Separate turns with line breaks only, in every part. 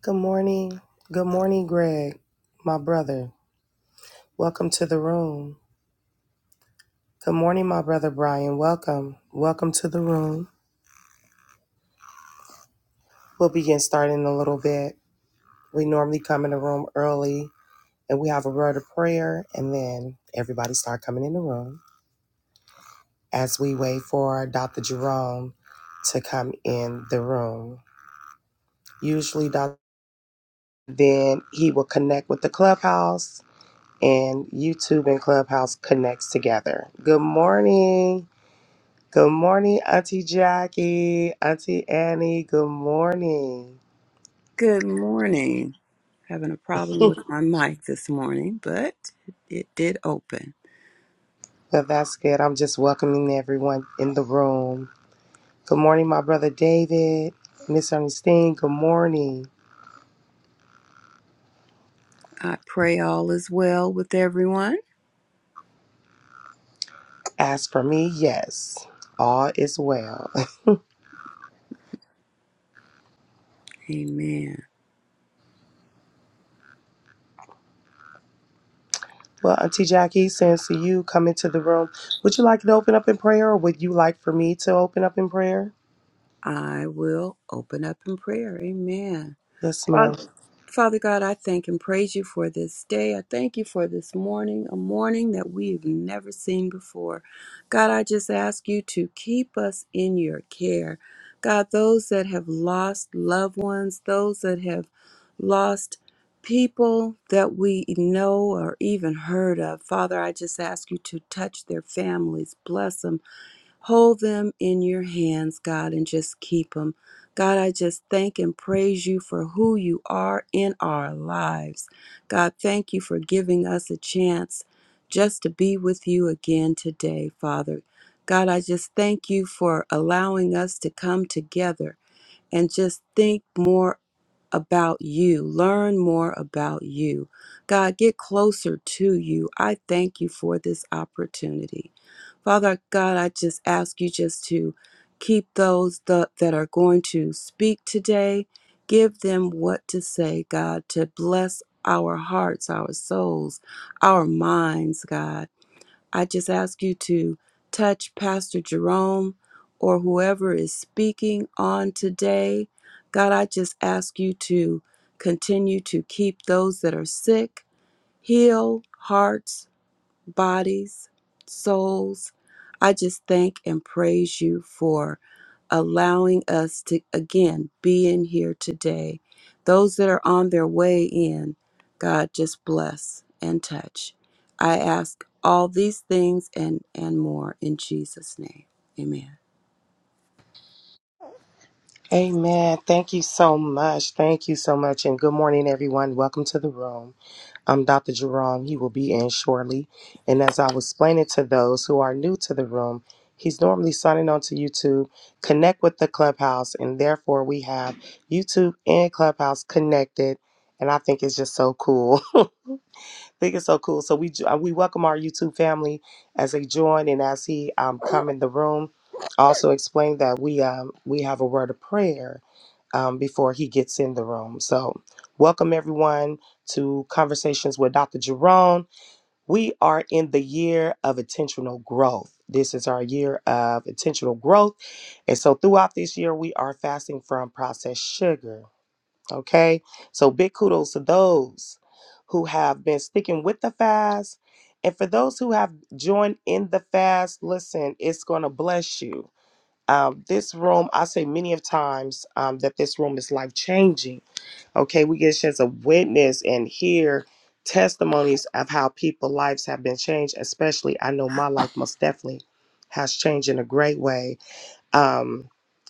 Good morning. Good morning, Greg, my brother. Welcome to the room. Good morning, my brother Brian. Welcome. Welcome to the room. We'll begin starting in a little bit. We normally come in the room early and we have a word of prayer and then everybody start coming in the room as we wait for Dr. Jerome to come in the room. Usually Dr. then he will connect with the clubhouse and YouTube and clubhouse connects together. Good morning. Good morning, Auntie Jackie, Auntie Annie. Good morning.
Good morning. Having a problem with my mic this morning, but it did open.
Well, that's good. I'm just welcoming everyone in the room. Good morning, my brother David, Miss Ernestine. Good morning.
I pray all is well with everyone.
As for me, yes, all is well.
Amen.
Well, Auntie Jackie, since you come into the room, would you like to open up in prayer or would you like for me to open up in prayer?
I will open up in prayer. Amen.
Yes, ma'am.
Father, Father God, I thank and praise you for this day. I thank you for this morning, a morning that we've never seen before. God, I just ask you to keep us in your care. God, those that have lost loved ones, those that have lost people that we know or even heard of, Father, I just ask you to touch their families, bless them Hold them in your hands, God, and just keep them. God, I just thank and praise you for who you are in our lives. God, thank you for giving us a chance just to be with you again today, Father. God, I just thank you for allowing us to come together and just think more about you. Learn more about you. God, get closer to you. I thank you for this opportunity. Father God, I just ask you just to keep those that, that are going to speak today. Give them what to say, God, to bless our hearts, our souls, our minds, God. I just ask you to touch Pastor Jerome or whoever is speaking on today. God, I just ask you to continue to keep those that are sick, heal hearts, bodies, souls. I just thank and praise you for allowing us to again be in here today. Those that are on their way in, God, just bless and touch. I ask all these things and and more in Jesus' name. Amen.
Amen. Thank you so much. Thank you so much. And good morning, everyone. Welcome to the room. um, Dr. Jerome. He will be in shortly. And as I was explaining to those who are new to the room, he's normally signing on to YouTube. Connect with the Clubhouse, and therefore we have YouTube and Clubhouse connected. And I think it's just so cool think it's so cool. So we jo- uh, we welcome our YouTube family as they join and as he um, come in the room. Also explain that we um, we have a word of prayer um, before he gets in the room. So welcome everyone to conversations with Dr. Jerome. We are in the year of intentional growth. This is our year of intentional growth, and so throughout this year we are fasting from processed sugar. Okay. So big kudos to those who have been sticking with the fast. And for those who have joined in the fast, listen, it's going to bless you. Um, this room, I say many of times um, that this room is life changing. Okay. We get a chance to witness and hear testimonies of how people's lives have been changed, especially I know my life most definitely has changed in a great way um,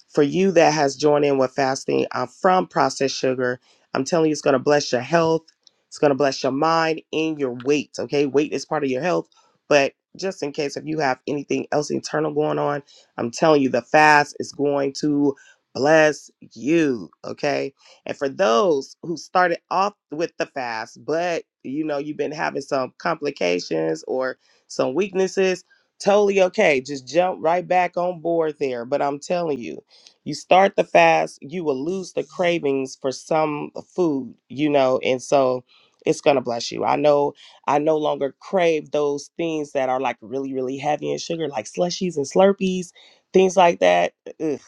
for you that has joined in with fasting uh, from processed sugar, I'm telling you, it's going to bless your health. It's going to bless your mind and your weight. Okay, weight is part of your health, but just in case if you have anything else internal going on, I'm telling you, the fast is going to bless you. Okay, and for those who started off with the fast, but you know you've been having some complications or some weaknesses totally okay. Just jump right back on board there. But I'm telling you, you start the fast, you will lose the cravings for some food, you know, and so it's gonna bless you. I know I no longer crave those things that are like really, really heavy in sugar, like slushies and slurpees, things like that. Ugh,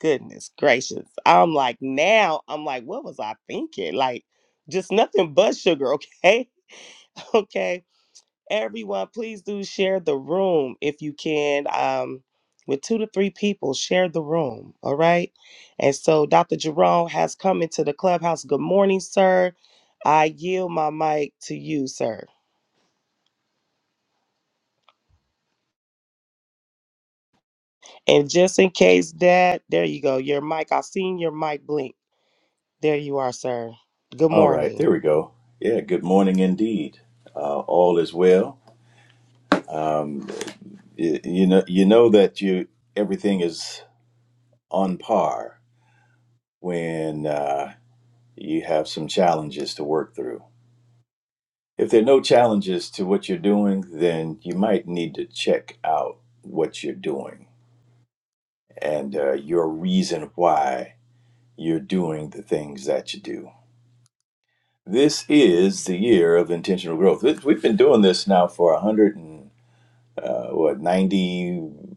goodness gracious. I'm like now, I'm like, what was I thinking? Like just nothing but sugar, okay? Okay Everyone, please do share the room if you can. Um, with two to three people, share the room. All right. And so Dr. Jerome has come into the clubhouse. Good morning, sir. I yield my mic to you, sir. And just in case that, there you go. Your mic, I seen your mic blink. There you are, sir. Good
All right,
morning.
there we go. Yeah, good morning indeed. Uh, all is well. Um, y- you know, you know that you everything is on par when uh, you have some challenges to work through. If there are no challenges to what you're doing, then you might need to check out what you're doing and uh, your reason why you're doing the things that you do. This is the year of intentional growth. We've been doing this now for a hundred. and. uh, what 91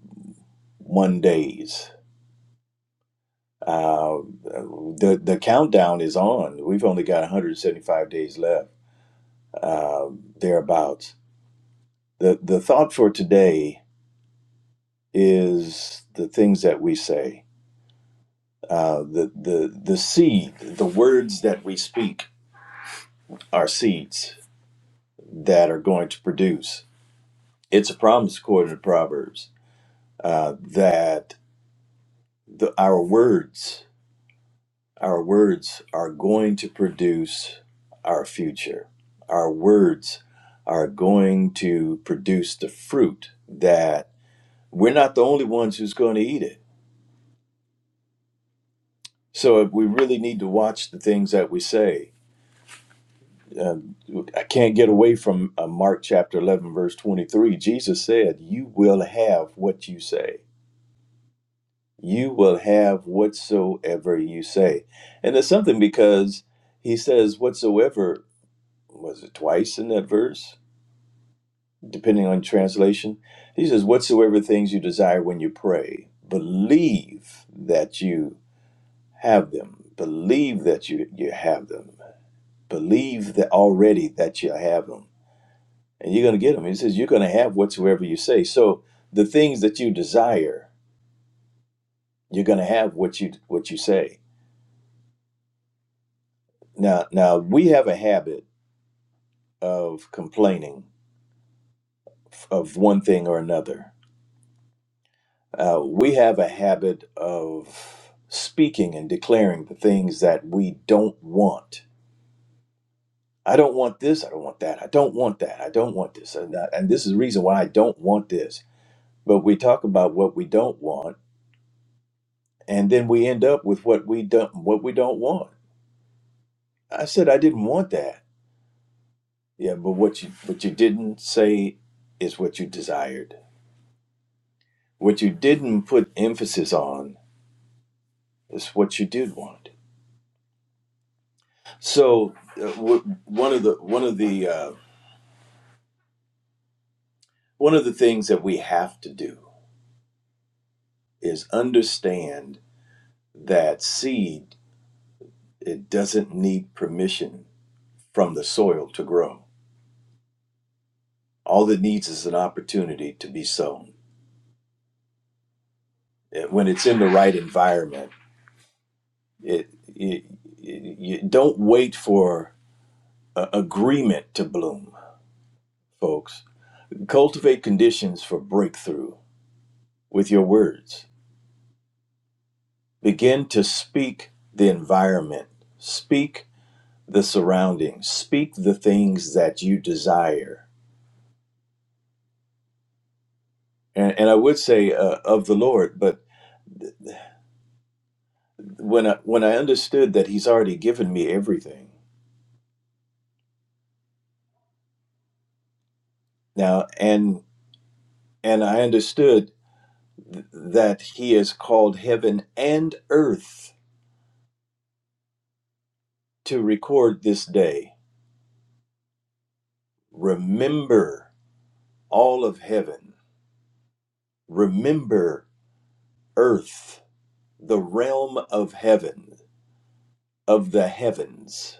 days uh, the the countdown is on we've only got 175 days left uh, thereabouts the the thought for today is the things that we say uh, the the the seed the words that we speak are seeds that are going to produce it's a promise according to proverbs uh, that the, our words Our words are going to produce our future. Our words are going to produce the fruit that we're not the only ones who's going to eat it. So if we really need to watch the things that we say. Um, I can't get away from uh, Mark chapter 11, verse 23. Jesus said, You will have what you say. You will have whatsoever you say. And it's something because he says, Whatsoever, was it twice in that verse? depending on translation. He says, Whatsoever things you desire when you pray, believe that you have them. Believe that you, you have them. Believe that already that you have them. And you're going to get them. He says, You're going to have whatsoever you say. So the things that you desire, you're going to have what you what you say. Now, now we have a habit of complaining of one thing or another Uh, we have a habit of speaking and declaring the things that we don't want. I don't want this. I don't want that. I don't want that. I don't want this. And, that, and this is the reason why I don't want this. But we talk about what we don't want, and then we end up with what we don't what we don't want. I said I didn't want that. Yeah, but what you what you didn't say is what you desired. What you didn't put emphasis on is what you did want. So uh, w- one of the one of the uh, One of the things that we have to do is understand that seed it doesn't need permission from the soil to grow. All it needs is an opportunity to be sown. When it's in the right environment, it, it, it- you don't wait for a- agreement to bloom, folks. Cultivate conditions for breakthrough with your words. Begin to speak the environment. Speak the surroundings. Speak the things that you desire. And, and I would say uh, of the Lord, but when I, when I understood that He's already given me everything now, and and I understood th- that He has called heaven and earth to record this day. Remember all of heaven. Remember earth, the realm of heaven, of the heavens.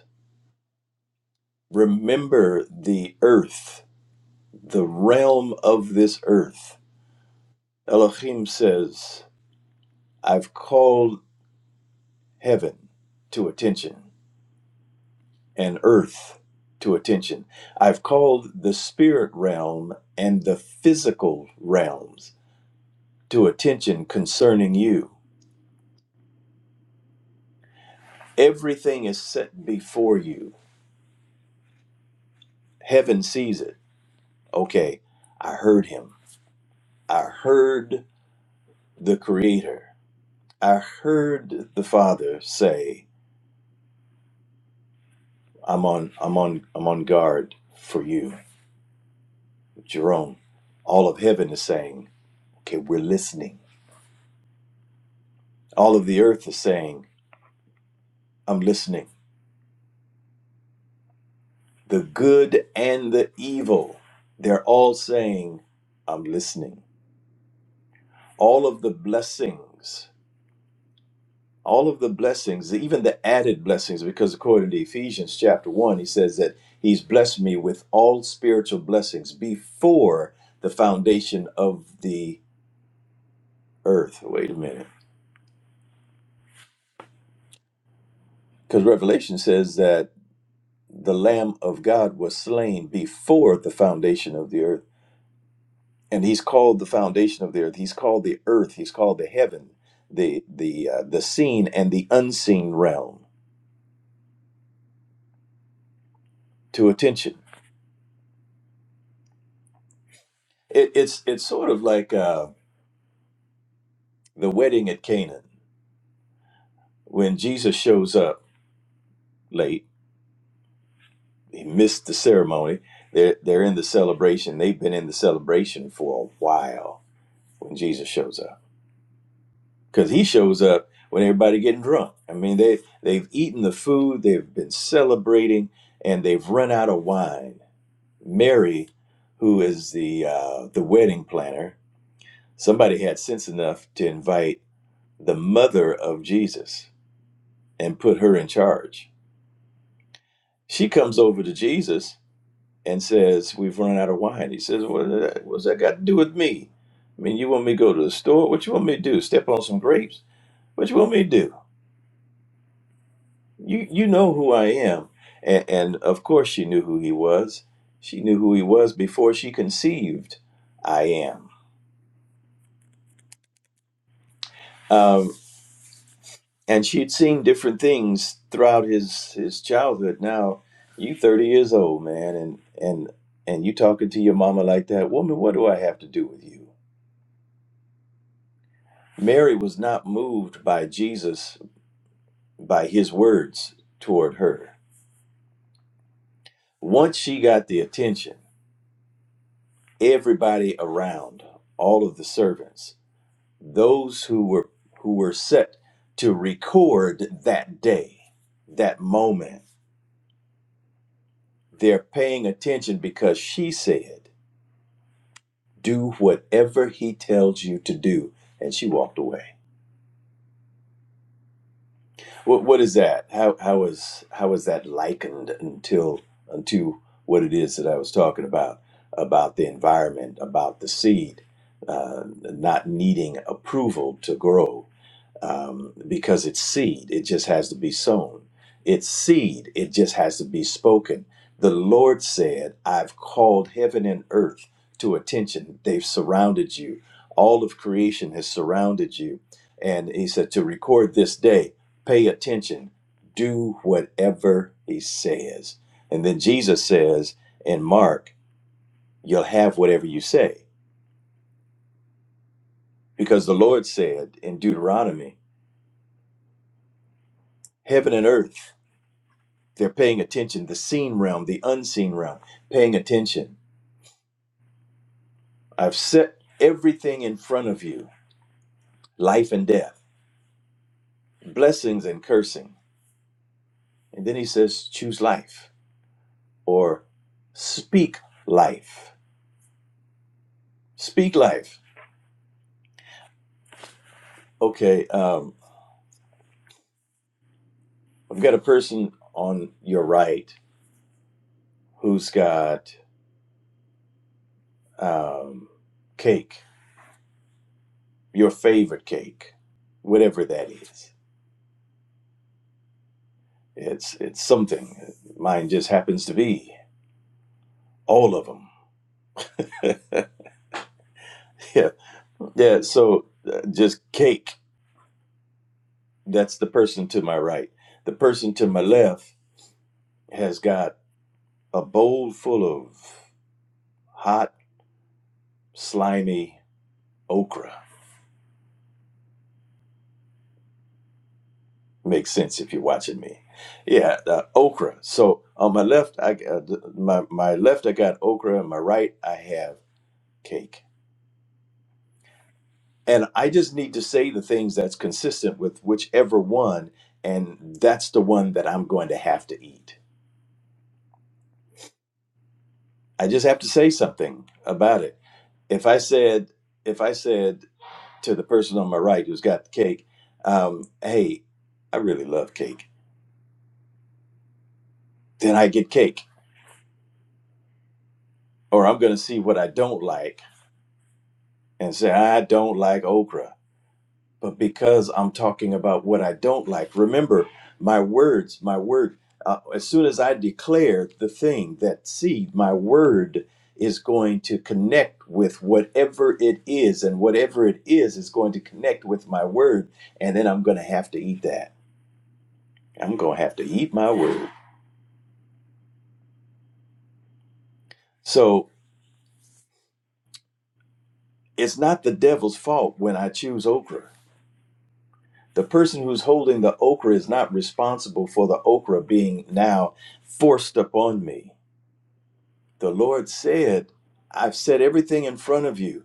Remember the earth the realm of this earth. Elohim says, I've called heaven to attention and earth to attention. I've called the spirit realm and the physical realms to attention concerning you. Everything is set before you. Heaven sees it. Okay, I heard him. I heard the Creator. I heard the Father say, I'm on I'm on I'm on guard for you, Jerome. All of heaven is saying, okay, we're listening. All of the earth is saying, I'm listening. The good and the evil, they're all saying, I'm listening. All of the blessings, all of the blessings, even the added blessings, because according to Ephesians chapter 1, he says that he's blessed me with all spiritual blessings before the foundation of the earth. Wait a minute Because Revelation says that the Lamb of God was slain before the foundation of the earth. And he's called the foundation of the earth. He's called the earth. He's called the heaven, the the uh, the seen and the unseen realm to attention. It, it's it's sort of like uh, the wedding at Canaan when Jesus shows up late. He missed the ceremony. They're they're in the celebration. They've been in the celebration for a while when Jesus shows up because he shows up when everybody getting drunk. I mean, they they've eaten the food, they've been celebrating, and they've run out of wine. Mary, who is the uh, the wedding planner, somebody had sense enough to invite the mother of Jesus and put her in charge. She comes over to Jesus and says, "We've run out of wine." He says, "What does that, what's that got to do with me? I mean, you want me to go to the store? What you want me to do? Step on some grapes? What you want me to do?" you you know who I am. And, and of course she knew who he was. She knew who he was before she conceived I am. Um, and she'd seen different things throughout his his childhood. Now you thirty years old, man, and and and you talking to your mama like that, woman, what do I have to do with you? Mary was not moved by Jesus by his words toward her. Once she got the attention, everybody around, all of the servants, those who were who were set to record that day that moment they're paying attention because she said do whatever he tells you to do and she walked away what what is that how how is how is that likened until unto what it is that i was talking about about the environment about the seed uh, not needing approval to grow um, because it's seed. It just has to be sown. It's seed. It just has to be spoken. The Lord said, I've called heaven and earth to attention. They've surrounded you. All of creation has surrounded you. And he said, to record this day, pay attention, do whatever he says. And then Jesus says in Mark, you'll have whatever you say. Because the Lord said in Deuteronomy, heaven and earth They're paying attention, the seen realm, the unseen realm, paying attention. I've set everything in front of you life and death, blessings and cursing. And then he says, choose life or speak life. Speak life. Okay, um, I've got a person on your right who's got um, cake, your favorite cake, whatever that is. It's, it's something. Mine just happens to be all of them. Yeah, so uh, just cake. That's the person to my right. The person to my left has got a bowl full of hot, slimy okra. Makes sense if you're watching me. Yeah, uh, okra. So on my left, I uh, th- my my left I got okra, and my right I have cake. And I just need to say the things that's consistent with whichever one, and that's the one that I'm going to have to eat. I just have to say something about it if I said if I said to the person on my right who's got the cake, um, "Hey, I really love cake," then I get cake, or I'm going to see what I don't like and say I don't like okra. But because I'm talking about what I don't like, remember my words, my word. Uh, as soon as I declare the thing, that seed, my word is going to connect with whatever it is, and whatever it is is going to connect with my word, and then I'm going to have to eat that. I'm going to have to eat my word. So it's not the devil's fault when I choose okra. The person who's holding the okra is not responsible for the okra being now forced upon me. The Lord said, I've set everything in front of you.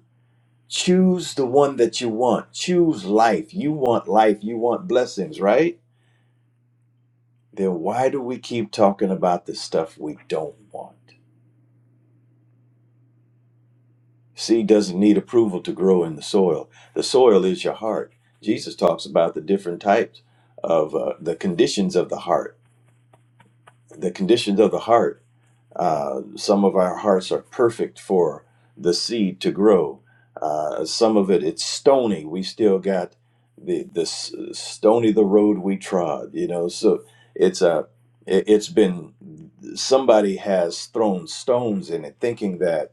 Choose the one that you want. Choose life. You want life. You want blessings, right? Then why do we keep talking about the stuff we don't want? Seed doesn't need approval to grow in the soil. The soil is your heart. Jesus talks about the different types of uh, the conditions of the heart. The conditions of the heart. Uh, some of our hearts are perfect for the seed to grow. Uh, some of it it's stony. We still got the the s- stony the road we trod. You know, so it's a it, has been somebody has thrown stones in it thinking that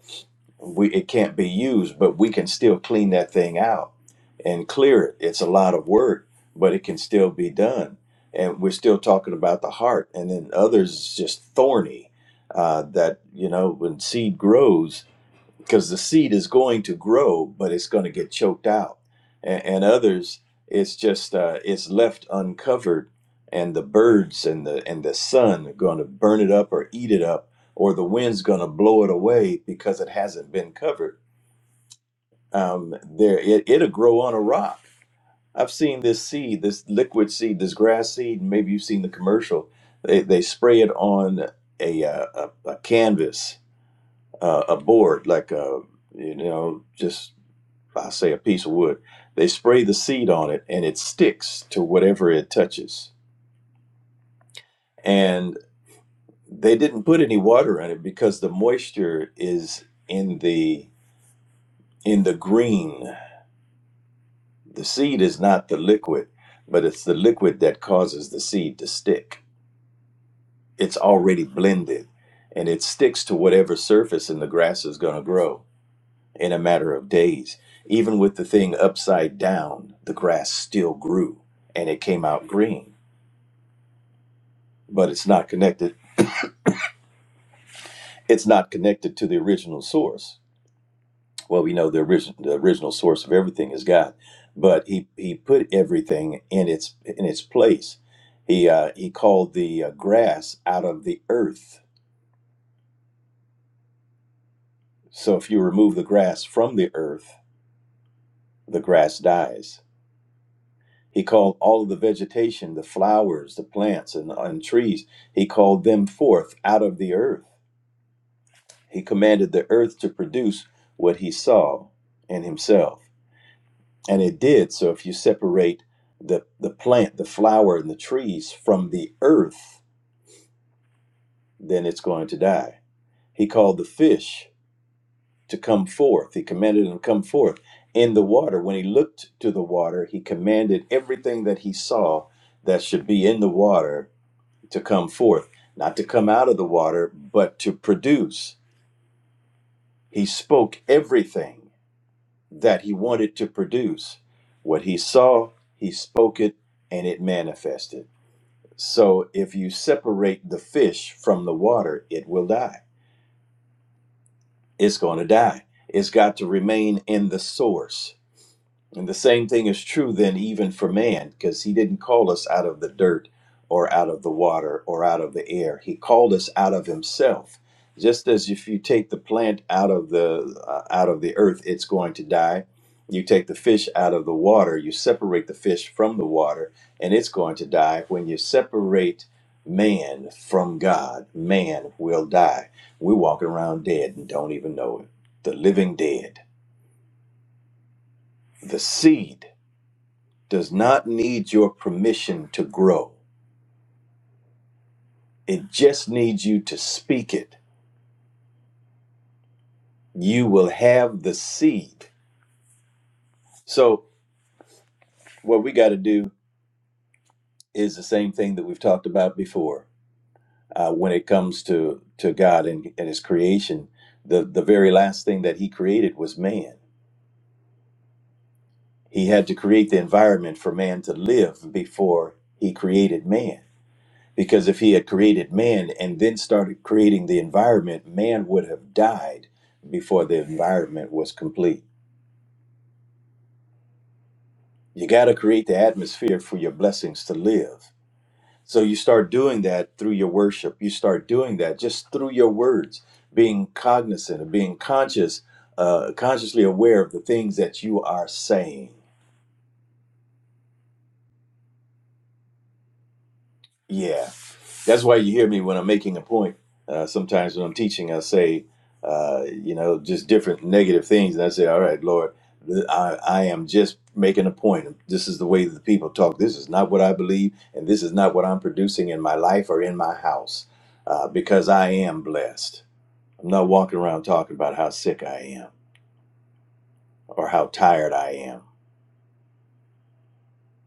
we it can't be used but we can still clean that thing out and clear it it's a lot of work but it can still be done and we're still talking about the heart and then others is just thorny uh, that you know when seed grows because the seed is going to grow, but it's going to get choked out. And, and others, it's just uh, it's left uncovered, and the birds and the and the sun are going to burn it up or eat it up, or the wind's going to blow it away because it hasn't been covered. Um, there, it, it'll grow on a rock. I've seen this seed, this liquid seed, this grass seed. and Maybe you've seen the commercial. They, they spray it on a uh, a, a canvas, uh, a board, like a you know just I say a piece of wood. They spray the seed on it and it sticks to whatever it touches. And they didn't put any water in it because the moisture is in the in the green. The seed is not the liquid, but it's the liquid that causes the seed to stick. It's already blended and it sticks to whatever surface and the grass is going to grow in a matter of days. Even with the thing upside down, the grass still grew and it came out green but it's not connected. It's not connected to the original source. Well, we know the original the original source of everything is God, but he he put everything in its in its place. He uh, he called the uh, grass out of the earth. So if you remove the grass from the earth, the grass dies. He called all of the vegetation, the flowers, the plants, and, and trees. He called them forth out of the earth. He commanded the earth to produce what he saw in himself and it did so if you separate the the plant the flower and the trees from the earth then it's going to die he called the fish to come forth he commanded them to come forth in the water when he looked to the water he commanded everything that he saw that should be in the water to come forth not to come out of the water but to produce he spoke everything that he wanted to produce what he saw he spoke it and it manifested So if you separate the fish from the water, it will die. It's going to die. It's got to remain in the source. And the same thing is true then, even for man, because he didn't call us out of the dirt or out of the water or out of the air. He called us out of himself. Just as if you take the plant out of the uh, out of the earth, it's going to die. You take the fish out of the water, you separate the fish from the water, and it's going to die. When you separate man from God, man will die. We walk around dead and don't even know it. The living dead, the seed does not need your permission to grow. It just needs you to speak it. You will have the seed. So, what we got to do is the same thing that we've talked about before uh, when it comes to, to God and, and His creation. The, the very last thing that He created was man. He had to create the environment for man to live before He created man. Because if he had created man and then started creating the environment, man would have died before the environment was complete. You got to create the atmosphere for your blessings to live. So you start doing that through your worship. You start doing that just through your words, being cognizant of being conscious, uh, consciously aware of the things that you are saying. Yeah. That's why you hear me when I'm making a point. Uh, sometimes when I'm teaching, I say, uh, you know, just different negative things. And I say, all right, Lord, th- I, I am just making a point. This is the way that the people talk. This is not what I believe. And this is not what I'm producing in my life or in my house uh, because I am blessed. I'm not walking around talking about how sick I am or how tired I am.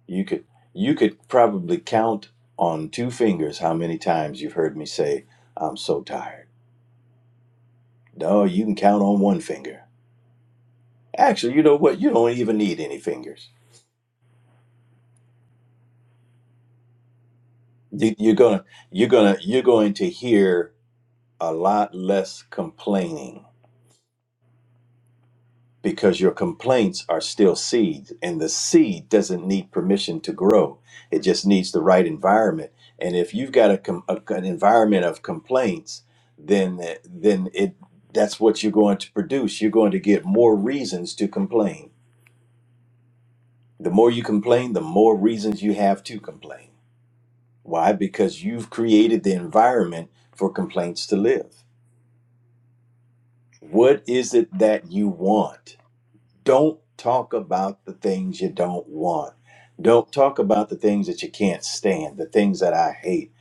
You could you could probably count on two fingers how many times you've heard me say, I'm so tired. No, you can count on one finger. Actually, you know what? You don't even need any fingers. You, you're gonna, you're gonna, you're going to hear a lot less complaining because your complaints are still seeds, and the seed doesn't need permission to grow. It just needs the right environment. And if you've got a, com- a an environment of complaints, then then it that's what you're going to produce. You're going to get more reasons to complain. The more you complain, the more reasons you have to complain. Why? Because you've created the environment for complaints to live. What is it that you want? Don't talk about the things you don't want. Don't talk about the things that you can't stand, the things that I hate.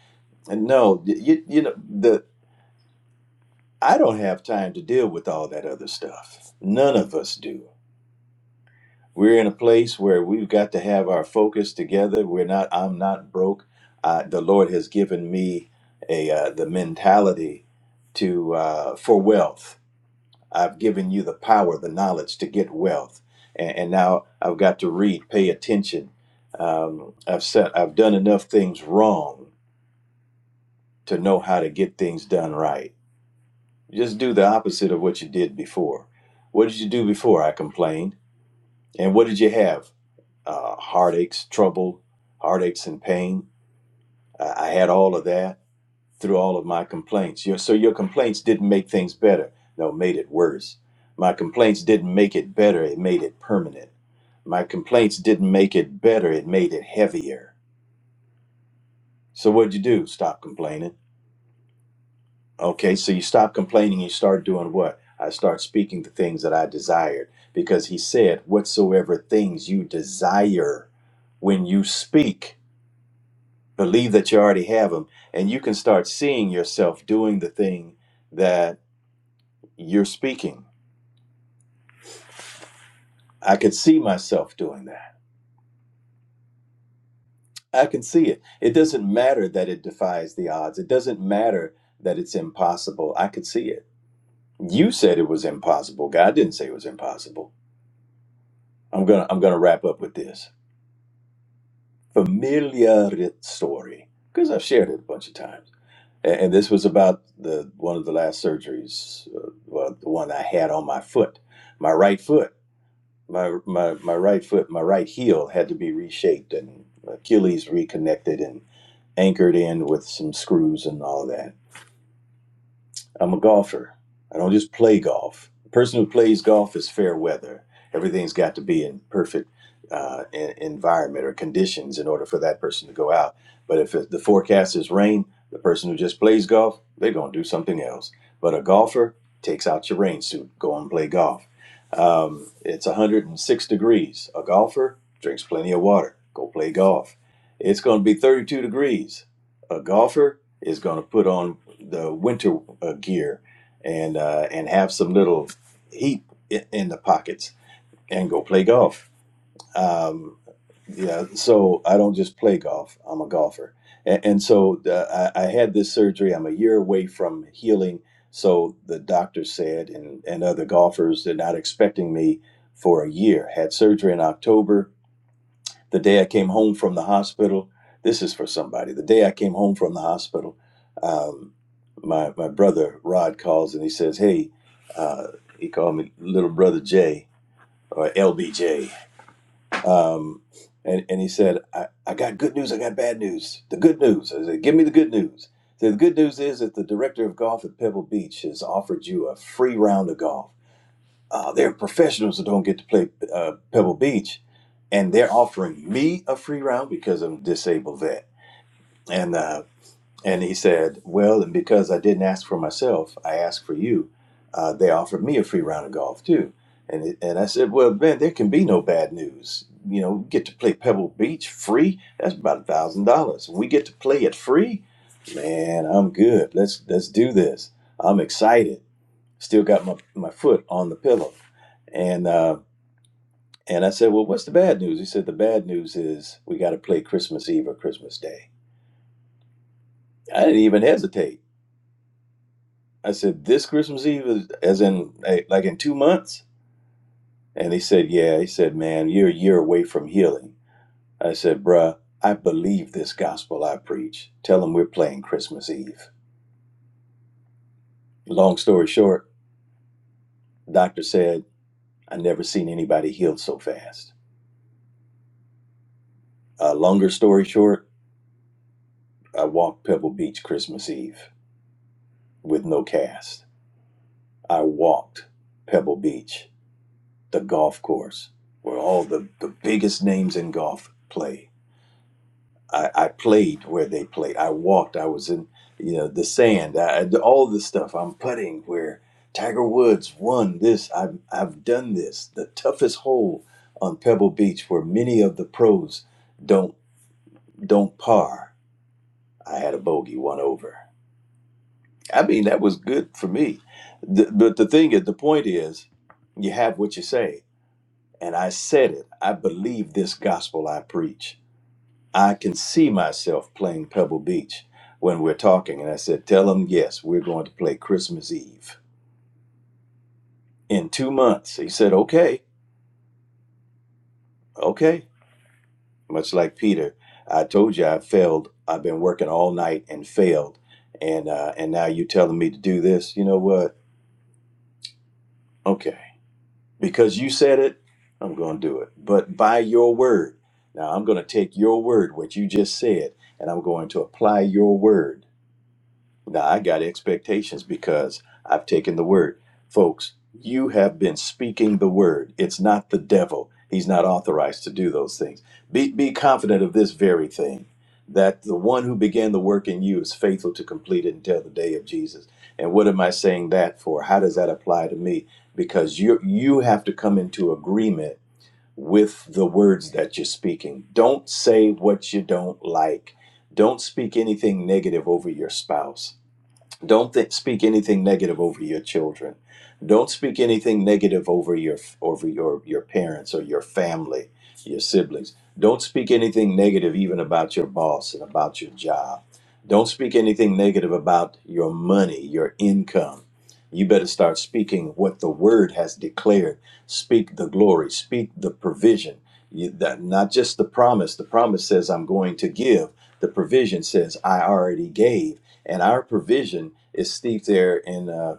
And no, you, you know, the I don't have time to deal with all that other stuff. None of us do. We're in a place where we've got to have our focus together. We're not. I'm not broke. Uh, the Lord has given me a uh, the mentality to uh, for wealth. I've given you the power, the knowledge to get wealth, and, and now I've got to read, pay attention. Um, I've said I've done enough things wrong to know how to get things done right. Just do the opposite of what you did before. What did you do before? I complained. And what did you have? uh, heartaches, trouble, heartaches, and pain. I, I had all of that through all of my complaints. Your, so your complaints didn't make things better. No, made it worse. My complaints didn't make it better. It made it permanent. My complaints didn't make it better. It made it heavier. So what'd you do? Stop complaining. Okay, so you stop complaining. You start doing what? I start speaking the things that I desired because he said, whatsoever things you desire when you speak. believe that you already have them and you can start seeing yourself doing the thing that you're speaking i could see myself doing that i can see it it doesn't matter that it defies the odds it doesn't matter that it's impossible i could see it you said it was impossible god didn't say it was impossible i'm gonna i'm gonna wrap up with this familiar story because i've shared it a bunch of times and, and this was about the one of the last surgeries uh, well the one i had on my foot my right foot my my my right foot, my right heel had to be reshaped and Achilles reconnected and anchored in with some screws and all that. I'm a golfer. I don't just play golf. The person who plays golf is fair weather. Everything's got to be in perfect uh, en- environment or conditions in order for that person to go out. But if it- the forecast is rain, the person who just plays golf, they're going to do something else. But a golfer takes out your rain suit, go and play golf. Um, it's 106 degrees. A golfer drinks plenty of water, go play golf. It's going to be 32 degrees. A golfer is going to put on the winter uh, gear and uh, and have some little heat i- in the pockets and go play golf. Um, yeah, so I don't just play golf. I'm a golfer, and, and so uh, I, I had this surgery. I'm a year away from healing. So the doctor said, and and other golfers, they're not expecting me for a year. Had surgery in October the day I came home from the hospital, this is for somebody. The day I came home from the hospital, um, my my brother Rod calls and he says, "Hey," uh, he called me little brother Jay or LBJ, um, and and he said, I, "I got good news. I got bad news. The good news." I said, "Give me the good news." He said, "The good news is that the director of golf at Pebble Beach has offered you a free round of golf." uh, there are professionals who don't get to play uh, Pebble Beach, and they're offering me a free round because I'm a disabled vet. And uh, and he said, well, and because I didn't ask for myself, I asked for you. Uh, they offered me a free round of golf too, and it, and I said, well, man, there can be no bad news. You know, we get to play Pebble Beach free. That's about a thousand dollars. We get to play it free. Man, I'm good. Let's let's do this. I'm excited. Still got my my foot on the pillow and uh, and I said, Well, what's the bad news? He said, The bad news is we got to play Christmas Eve or Christmas Day. I didn't even hesitate. I said, This Christmas Eve is as in like like in two months? And he said, Yeah. He said, Man, you're a year away from healing. I said, Bruh, I believe this gospel I preach. Tell them we're playing Christmas Eve. Long story short, doctor said, I never seen anybody healed so fast. Uh, longer story short, I walked Pebble Beach Christmas Eve with no cast. I walked Pebble Beach, the golf course, where all the, the biggest names in golf play. I, I played where they played. I walked. I was in, you know, the sand. I, I- all this stuff. I'm putting where Tiger Woods won this. I've I've done this. The toughest hole on Pebble Beach, where many of the pros don't don't par. I had a bogey one over. I mean, that was good for me. The, but the thing is, the point is, you have what you say And I said it. I believe this gospel I preach. I can see myself playing Pebble Beach when we're talking. And I said, Tell them yes, we're going to play Christmas Eve in two months. He said, Okay, okay. Much like Peter, I told you I failed. I've been working all night and failed. And, uh, and now you're telling me to do this. You know what? Okay. Because you said it, I'm going to do it. But by your word. Now I'm going to take your word, what you just said, and I'm going to apply your word now I got expectations because I've taken the word. Folks, you have been speaking the word. It's not the devil. He's not authorized to do those things. Be, be confident of this very thing that the one who began the work in you is faithful to complete it until the day of Jesus. And what am I saying that for? How does that apply to me? Because you you have to come into agreement with the words that you're speaking. Don't say what you don't like. Don't speak anything negative over your spouse don't th- speak anything negative over your children. Don't speak anything negative over your over your your parents or your family, your siblings. Don't speak anything negative even about your boss and about your job. Don't speak anything negative about your money, your income. You better start speaking what the word has declared. Speak the glory, speak the provision. You, that not just the promise. The promise says I'm going to give. The provision says I already gave and our provision is steeped there in uh,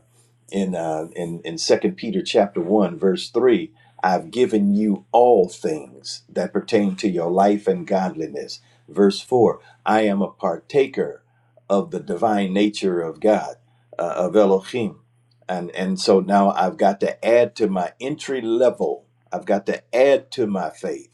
in uh, in in Second Peter chapter one verse three. I've given you all things that pertain to your life and godliness. Verse four. I am a partaker of the divine nature of God, uh, of Elohim, and and so now I've got to add to my entry level. I've got to add to my faith.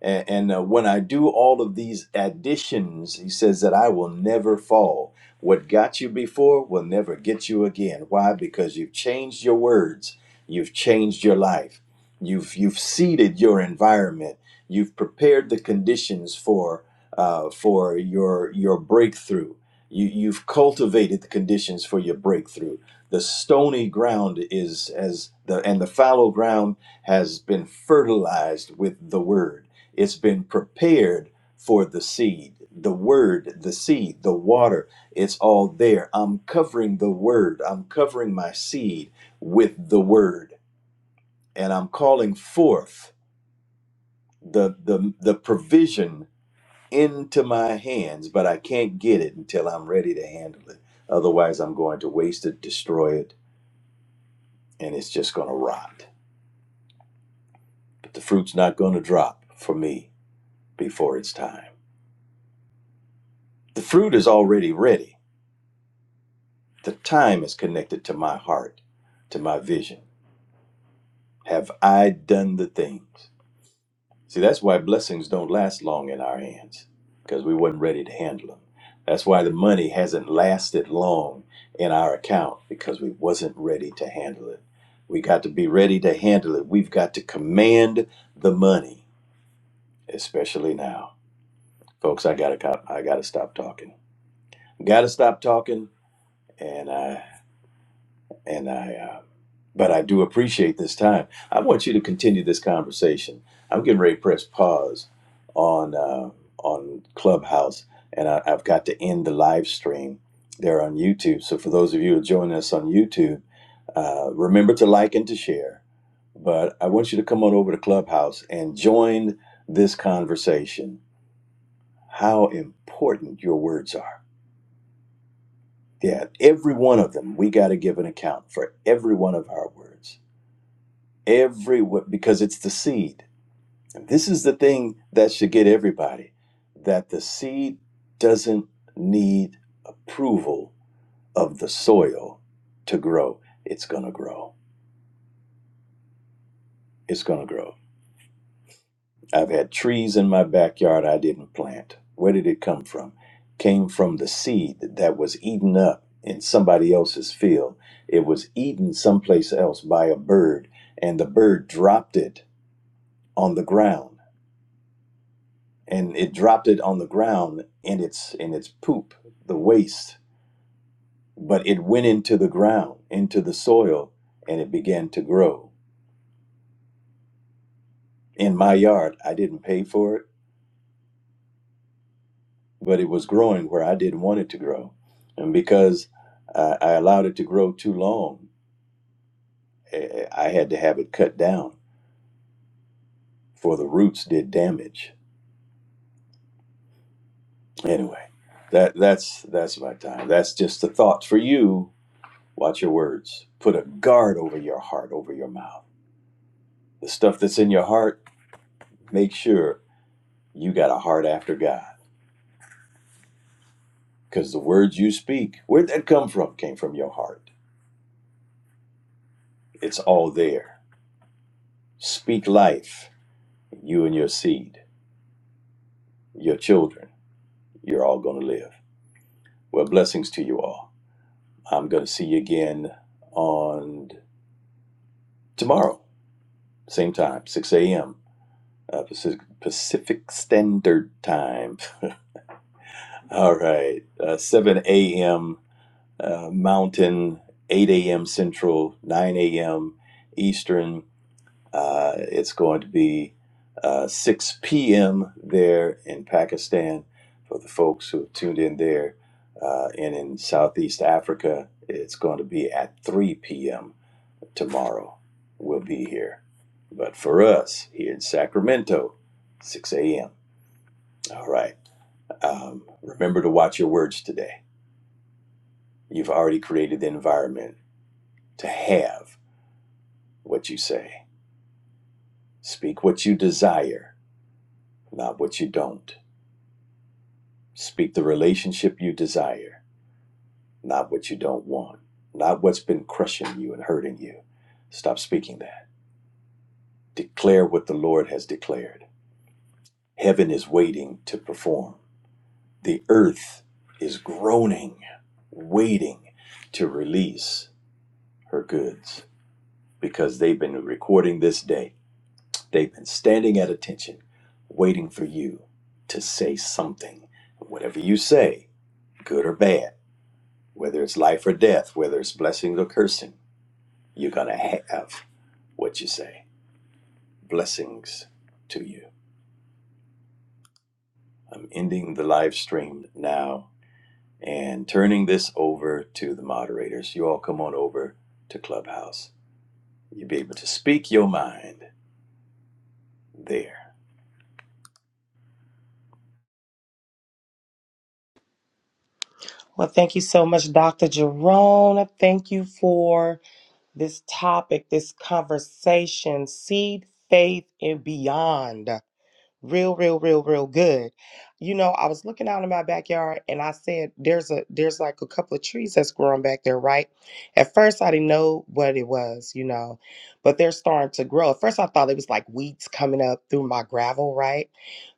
And, and uh, when I do all of these additions, he says that I will never fall what got you before will never get you again. Why? Because you've changed your words, you've changed your life, you've you've seeded your environment, you've prepared the conditions for uh, for your your breakthrough. You, you've cultivated the conditions for your breakthrough. The stony ground is as the and the fallow ground has been fertilized with the word. It's been prepared for the seed, the word, the seed, the water it's all there. I'm covering the word. I'm covering my seed with the word. And I'm calling forth the the the provision into my hands, but I can't get it until I'm ready to handle it. Otherwise I'm going to waste it, destroy it, and it's just gonna rot. But the fruit's not gonna drop for me before it's time. The fruit is already ready. The time is connected to my heart, to my vision. Have I done the things? See, that's why blessings don't last long in our hands because we wasn't ready to handle them. That's why the money hasn't lasted long in our account because we wasn't ready to handle it. We got to be ready to handle it. We've got to command the money, especially now. Folks, I got to I got to stop talking. Got to stop talking and I and I, uh, but I do appreciate this time. I want you to continue this conversation. I'm getting ready to press pause on uh, on Clubhouse, and I, I've got to end the live stream there on YouTube. So for those of you who are joining us on YouTube, uh, remember to like and to share. But I want you to come on over to Clubhouse and join this conversation. How important your words are. Yeah, every one of them. We got to give an account for every one of our words everywhere because it's the seed. And this is the thing that should get everybody that the seed doesn't need approval of the soil to grow. It's going to grow. It's going to grow. I've had trees in my backyard I didn't plant. Where did it come from? Came from the seed that was eaten up in somebody else's field. It was eaten someplace else by a bird, and the bird dropped it on the ground and it dropped it on the ground in its in its poop, the waste. But it went into the ground, into the soil, and it began to grow. In my yard, I didn't pay for it, but it was growing where I didn't want it to grow, and because I, I allowed it to grow too long, eh, eh, I had to have it cut down, for the roots did damage. Anyway, that that's that's my time. That's just the thought for you. Watch your words. Put a guard over your heart, over your mouth The stuff that's in your heart, make sure you got a heart after God. Because the words you speak, where'd that come from? Came from your heart. It's all there. Speak life. You and your seed, your children, you're all going to live. Well, blessings to you all. I'm going to see you again on tomorrow, same time, 6 a.m. Uh, Pacific, Pacific Standard Time. All right, uh, 7 a.m. uh, Mountain, 8 a.m. Central, 9 a.m. Eastern. Uh, it's going to be uh, 6 p.m. there in Pakistan for the folks who have tuned in there. Uh, and in Southeast Africa, it's going to be at 3 p.m. tomorrow. We'll be here. But for us here in Sacramento, 6 a.m. All right. Um, remember to watch your words today. You've already created the environment to have what you say. Speak what you desire, not what you don't. Speak the relationship you desire, not what you don't want, not what's been crushing you and hurting you. Stop speaking that. Declare what the Lord has declared. Heaven is waiting to perform, the earth is groaning, waiting to release her goods because they've been recording this day They've been standing at attention, waiting for you to say something. Whatever you say, good or bad, whether it's life or death, whether it's blessings or cursing, you're going to have what you say. Blessings to you. I'm ending the live stream now and turning this over to the moderators. You all come on over to Clubhouse. You'll be able to speak your mind there.
Well, thank you so much, Dr. Jerome. Thank you for this topic, this conversation, seed, faith, and beyond. real real real real good you know i was looking out in my backyard and i said there's a there's like a couple of trees that's growing back there right at first i didn't know what it was you know but they're starting to grow at first i thought it was like weeds coming up through my gravel right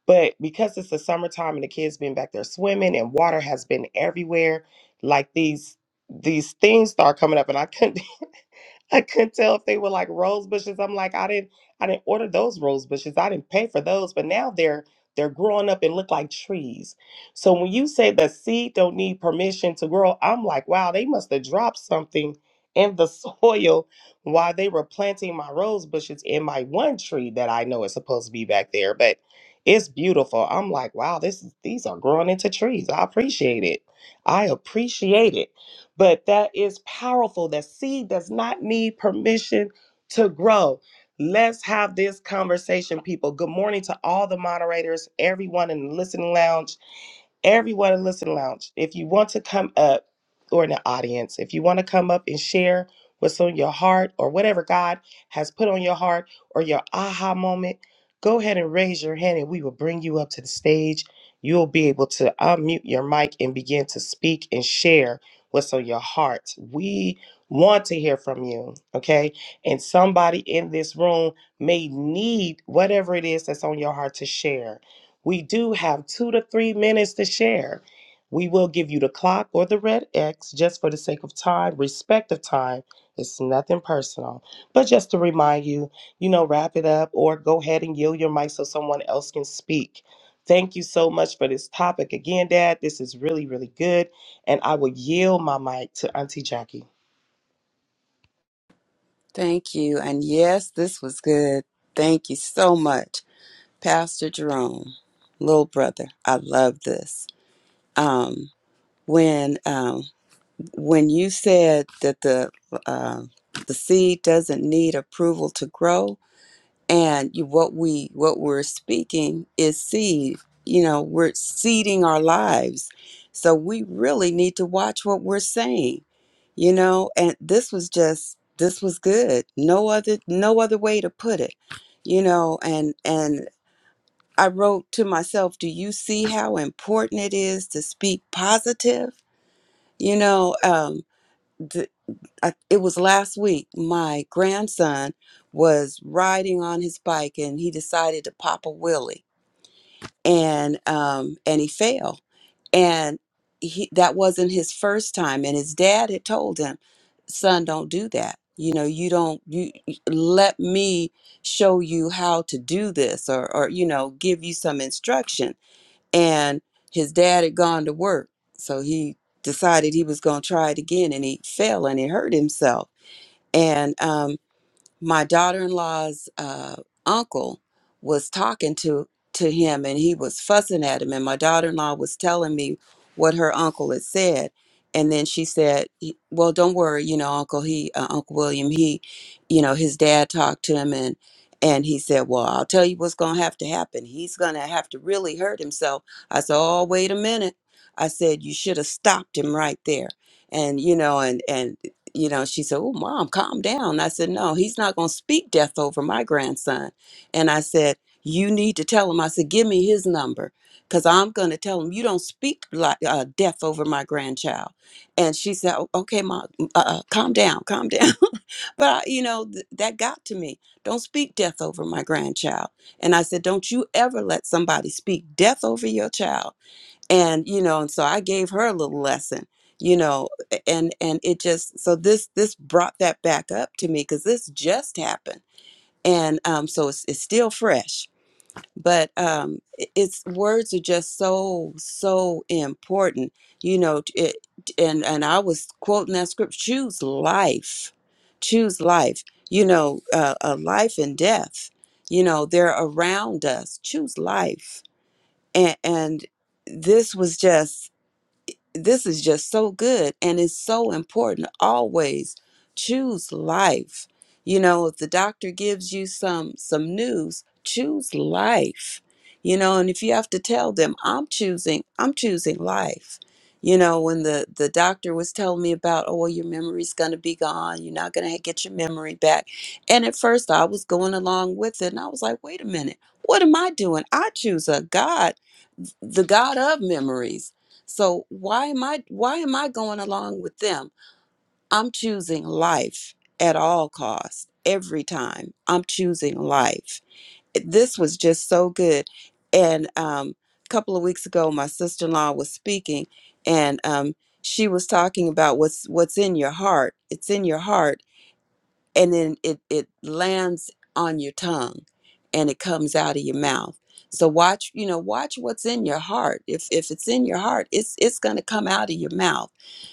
but because it's the summertime and the kids been back there swimming and water has been everywhere like these these things start coming up and i couldn't I couldn't tell if they were like rose bushes. I'm like, I didn't I didn't order those rose bushes. I didn't pay for those, but now they're they're growing up and look like trees. So when you say the seed don't need permission to grow, I'm like, wow, they must have dropped something in the soil while they were planting my rose bushes in my one tree that I know is supposed to be back there. But it's beautiful. I'm like, wow, this is these are growing into trees. I appreciate it. I appreciate it. But that is powerful. That seed does not need permission to grow. Let's have this conversation, people. Good morning to all the moderators, everyone in the listening lounge everyone in Listen Lounge, if you want to come up or in the audience, if you want to come up and share what's on your heart or whatever God has put on your heart or your aha moment, go ahead and raise your hand and we will bring you up to the stage. You'll be able to unmute your mic and begin to speak and share what's on your heart. We want to hear from you, okay? And somebody in this room may need whatever it is that's on your heart to share we do have two to three minutes to share. We will give you the clock or the red X just for the sake of time, respect of time. It's nothing personal. But just to remind you, you know, wrap it up or go ahead and yield your mic so someone else can speak. Thank you so much for this topic. Again, Dad, this is really, really good. And I will yield my mic to Auntie Jackie.
Thank you. And yes, this was good. Thank you so much, Pastor Jerome, little brother. I love this. Um, when um. when you said that the uh, the seed doesn't need approval to grow, and you, what we what we're speaking is seed. You know, we're seeding our lives, so we really need to watch what we're saying. You know, and this was just this was good. No other no other way to put it. You know, and and I wrote to myself, do you see how important it is to speak positive? You know, um, th- I, it was last week my grandson was riding on his bike and he decided to pop a wheelie and um and he fell and he that wasn't his first time and his dad had told him son don't do that you know you don't you you- let me show you how to do this or or you know give you some instruction and his dad had gone to work so he decided he was going to try it again and he fell and he hurt himself and um, my daughter-in-law's uh, uncle was talking to to him and he was fussing at him and my daughter-in-law was telling me what her uncle had said and then she said "He- well don't worry you know uncle he uh, uncle william he you know his dad talked to him and and he said well i'll tell you what's going to have to happen he's going to have to really hurt himself i said oh wait a minute i said you should have stopped him right there and you know and and you know, she said, Oh, mom, calm down. I said, No, he's not going to speak death over my grandson. And I said, You need to tell him. I said, Give me his number because I'm going to tell him you don't speak like uh, death over my grandchild. And she said, "O- Okay, mom, uh, uh, calm down, calm down. but, I, you know, th- that got to me. Don't speak death over my grandchild. And I said, Don't you ever let somebody speak death over your child and you know and so i gave her a little lesson you know and and it just so this this brought that back up to me because this just happened and um so it's, it's still fresh but um i- it's words are just so so important you know t- it, and and i was quoting that script choose life choose life you know uh, uh, life and death you know they're around us choose life and and this was just this is just so good and it's so important always choose life you know if the doctor gives you some some news choose life you know and if you have to tell them i'm choosing i'm choosing life you know when the the doctor was telling me about oh well, your memory's going to be gone you're not going to get your memory back and at first i was going along with it and i was like wait a minute what am i doing i choose a god the god of memories so why am I why am I going along with them? I'm choosing life at all costs. Every time I'm choosing life. This was just so good. And um, a couple of weeks ago, my sister in law was speaking, and um, she was talking about what's what's in your heart. It's in your heart and then it it lands on your tongue and it comes out of your mouth so watch you know watch what's in your heart if if it's in your heart it's it's going to come out of your mouth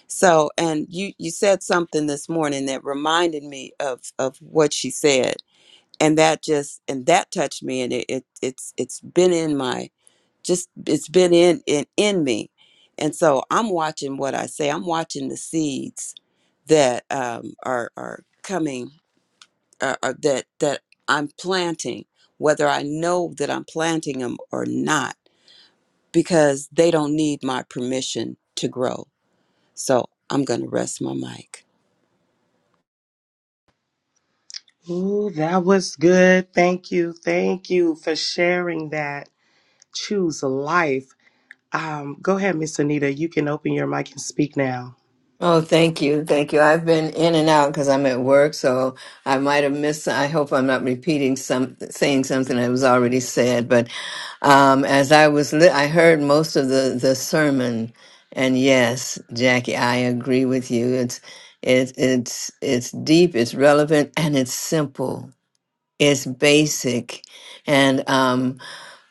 so and you you said something this morning that reminded me of of what she said and that just and that touched me and it, it it's it's been in my just it's been in in in me and so i'm watching what i say i'm watching the seeds that um are are coming uh, uh, that that I'm planting, whether I know that I'm planting them or not, because they don't need my permission to grow. So I'm going to rest my mic.
Ooh, that was good. Thank you. Thank you for sharing that. Choose life. Um, go ahead, Miss Anita. You can open your mic and speak now.
Oh, thank you. Thank you. I've been in and out because I'm at work, so I might have missed. I hope I'm not repeating some, saying something that was already said. But um, as I was, li- I heard most of the, the sermon. And yes, Jackie, I agree with you. It's, it, it's, it's deep, it's relevant, and it's simple. It's basic. And, um,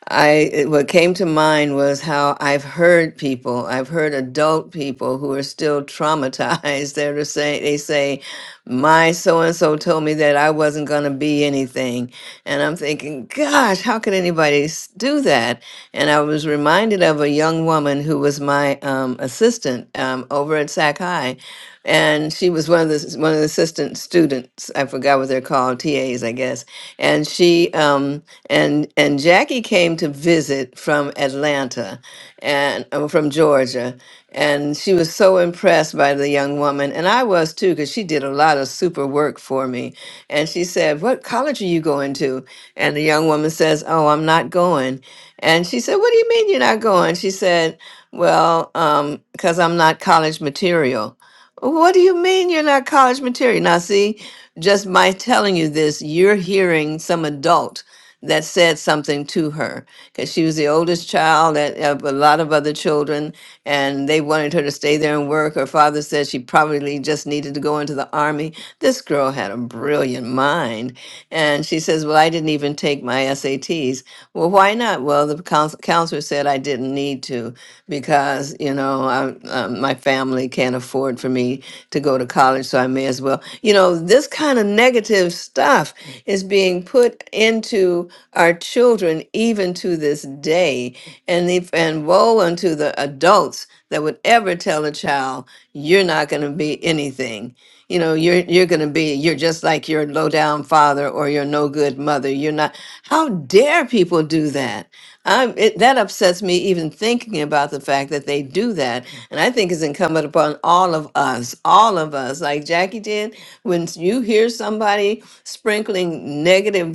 I it- what came to mind was how I've heard people, I've heard adult people who are still traumatized. They're saying they say, "My so and so told me that I wasn't going to be anything," and I'm thinking, "Gosh, how could anybody s- do that?" And I was reminded of a young woman who was my um, assistant um, over at Sac High, and she was one of the s- one of the assistant students. I forgot what they're called, TAs, I guess and she um and and Jackie came to visit from Atlanta and uh, from Georgia and she was so impressed by the young woman and I was too cuz she did a lot of super work for me and she said what college are you going to and the young woman says oh I'm not going and she said what do you mean you're not going she said well um cuz I'm not college material what do you mean you're not college material now see just by telling you this, you're hearing some adult that said something to her because she was the oldest child that- of a lot of other children, and they wanted her to stay there and work. Her father said she probably just needed to go into the army. This girl had a brilliant mind, and she says, "Well, I didn't even take my SATs." Well, why not? Well, the couns- counselor said I didn't need to because you know I, um, my family can't afford for me to go to college, so I may as well. You know, this kind of negative stuff is being put into our children even to this day, and if, and woe unto the adults that would ever tell a child you're not going to be anything. You know, you're you're going to be you're just like your low down father or your no good mother. You're not. How dare people do that? I'm, it, that upsets me even thinking about the fact that they do that. And I think it's incumbent upon all of us, all of us, like Jackie did, when you hear somebody sprinkling negative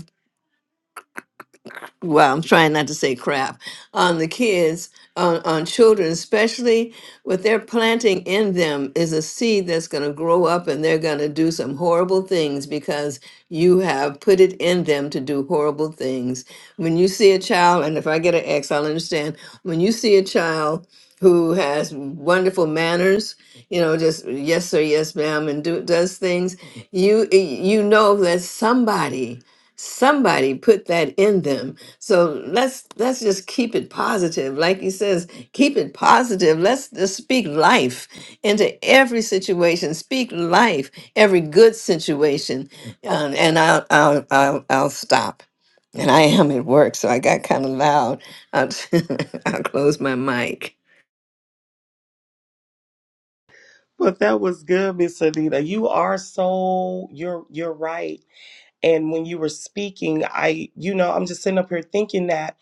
well, I'm trying not to say crap on the kids, on, on children, especially what they're planting in them is a seed that's going to grow up and they're going to do some horrible things because you have put it in them to do horrible things. When you see a child, and if I get an X, I'll understand. When you see a child who has wonderful manners, you know, just yes sir, yes ma'am, and do, does things, you you know that somebody somebody put that in them so let's let's just keep it positive like he says keep it positive let's just speak life into every situation speak life every good situation um, and I'll, I'll i'll i'll stop and i am at work so i got kind of loud i'll, I'll close my mic
But that was good, Miss Anita. You are so you're you're right. And when you were speaking, I you know, I'm just sitting up here thinking that,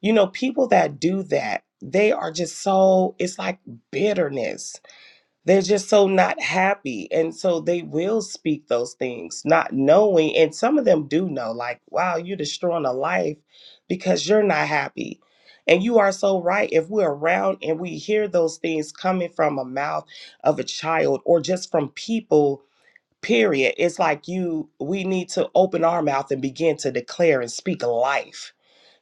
you know, people that do that, they are just so it's like bitterness They're just so not happy. And so they will speak those things, not knowing. And some of them do know, like, wow, you're destroying a life because you're not happy. And you are so right. If we're around and we hear those things coming from a mouth of a child or just from people, period, it's like you, we need to open our mouth and begin to declare and speak life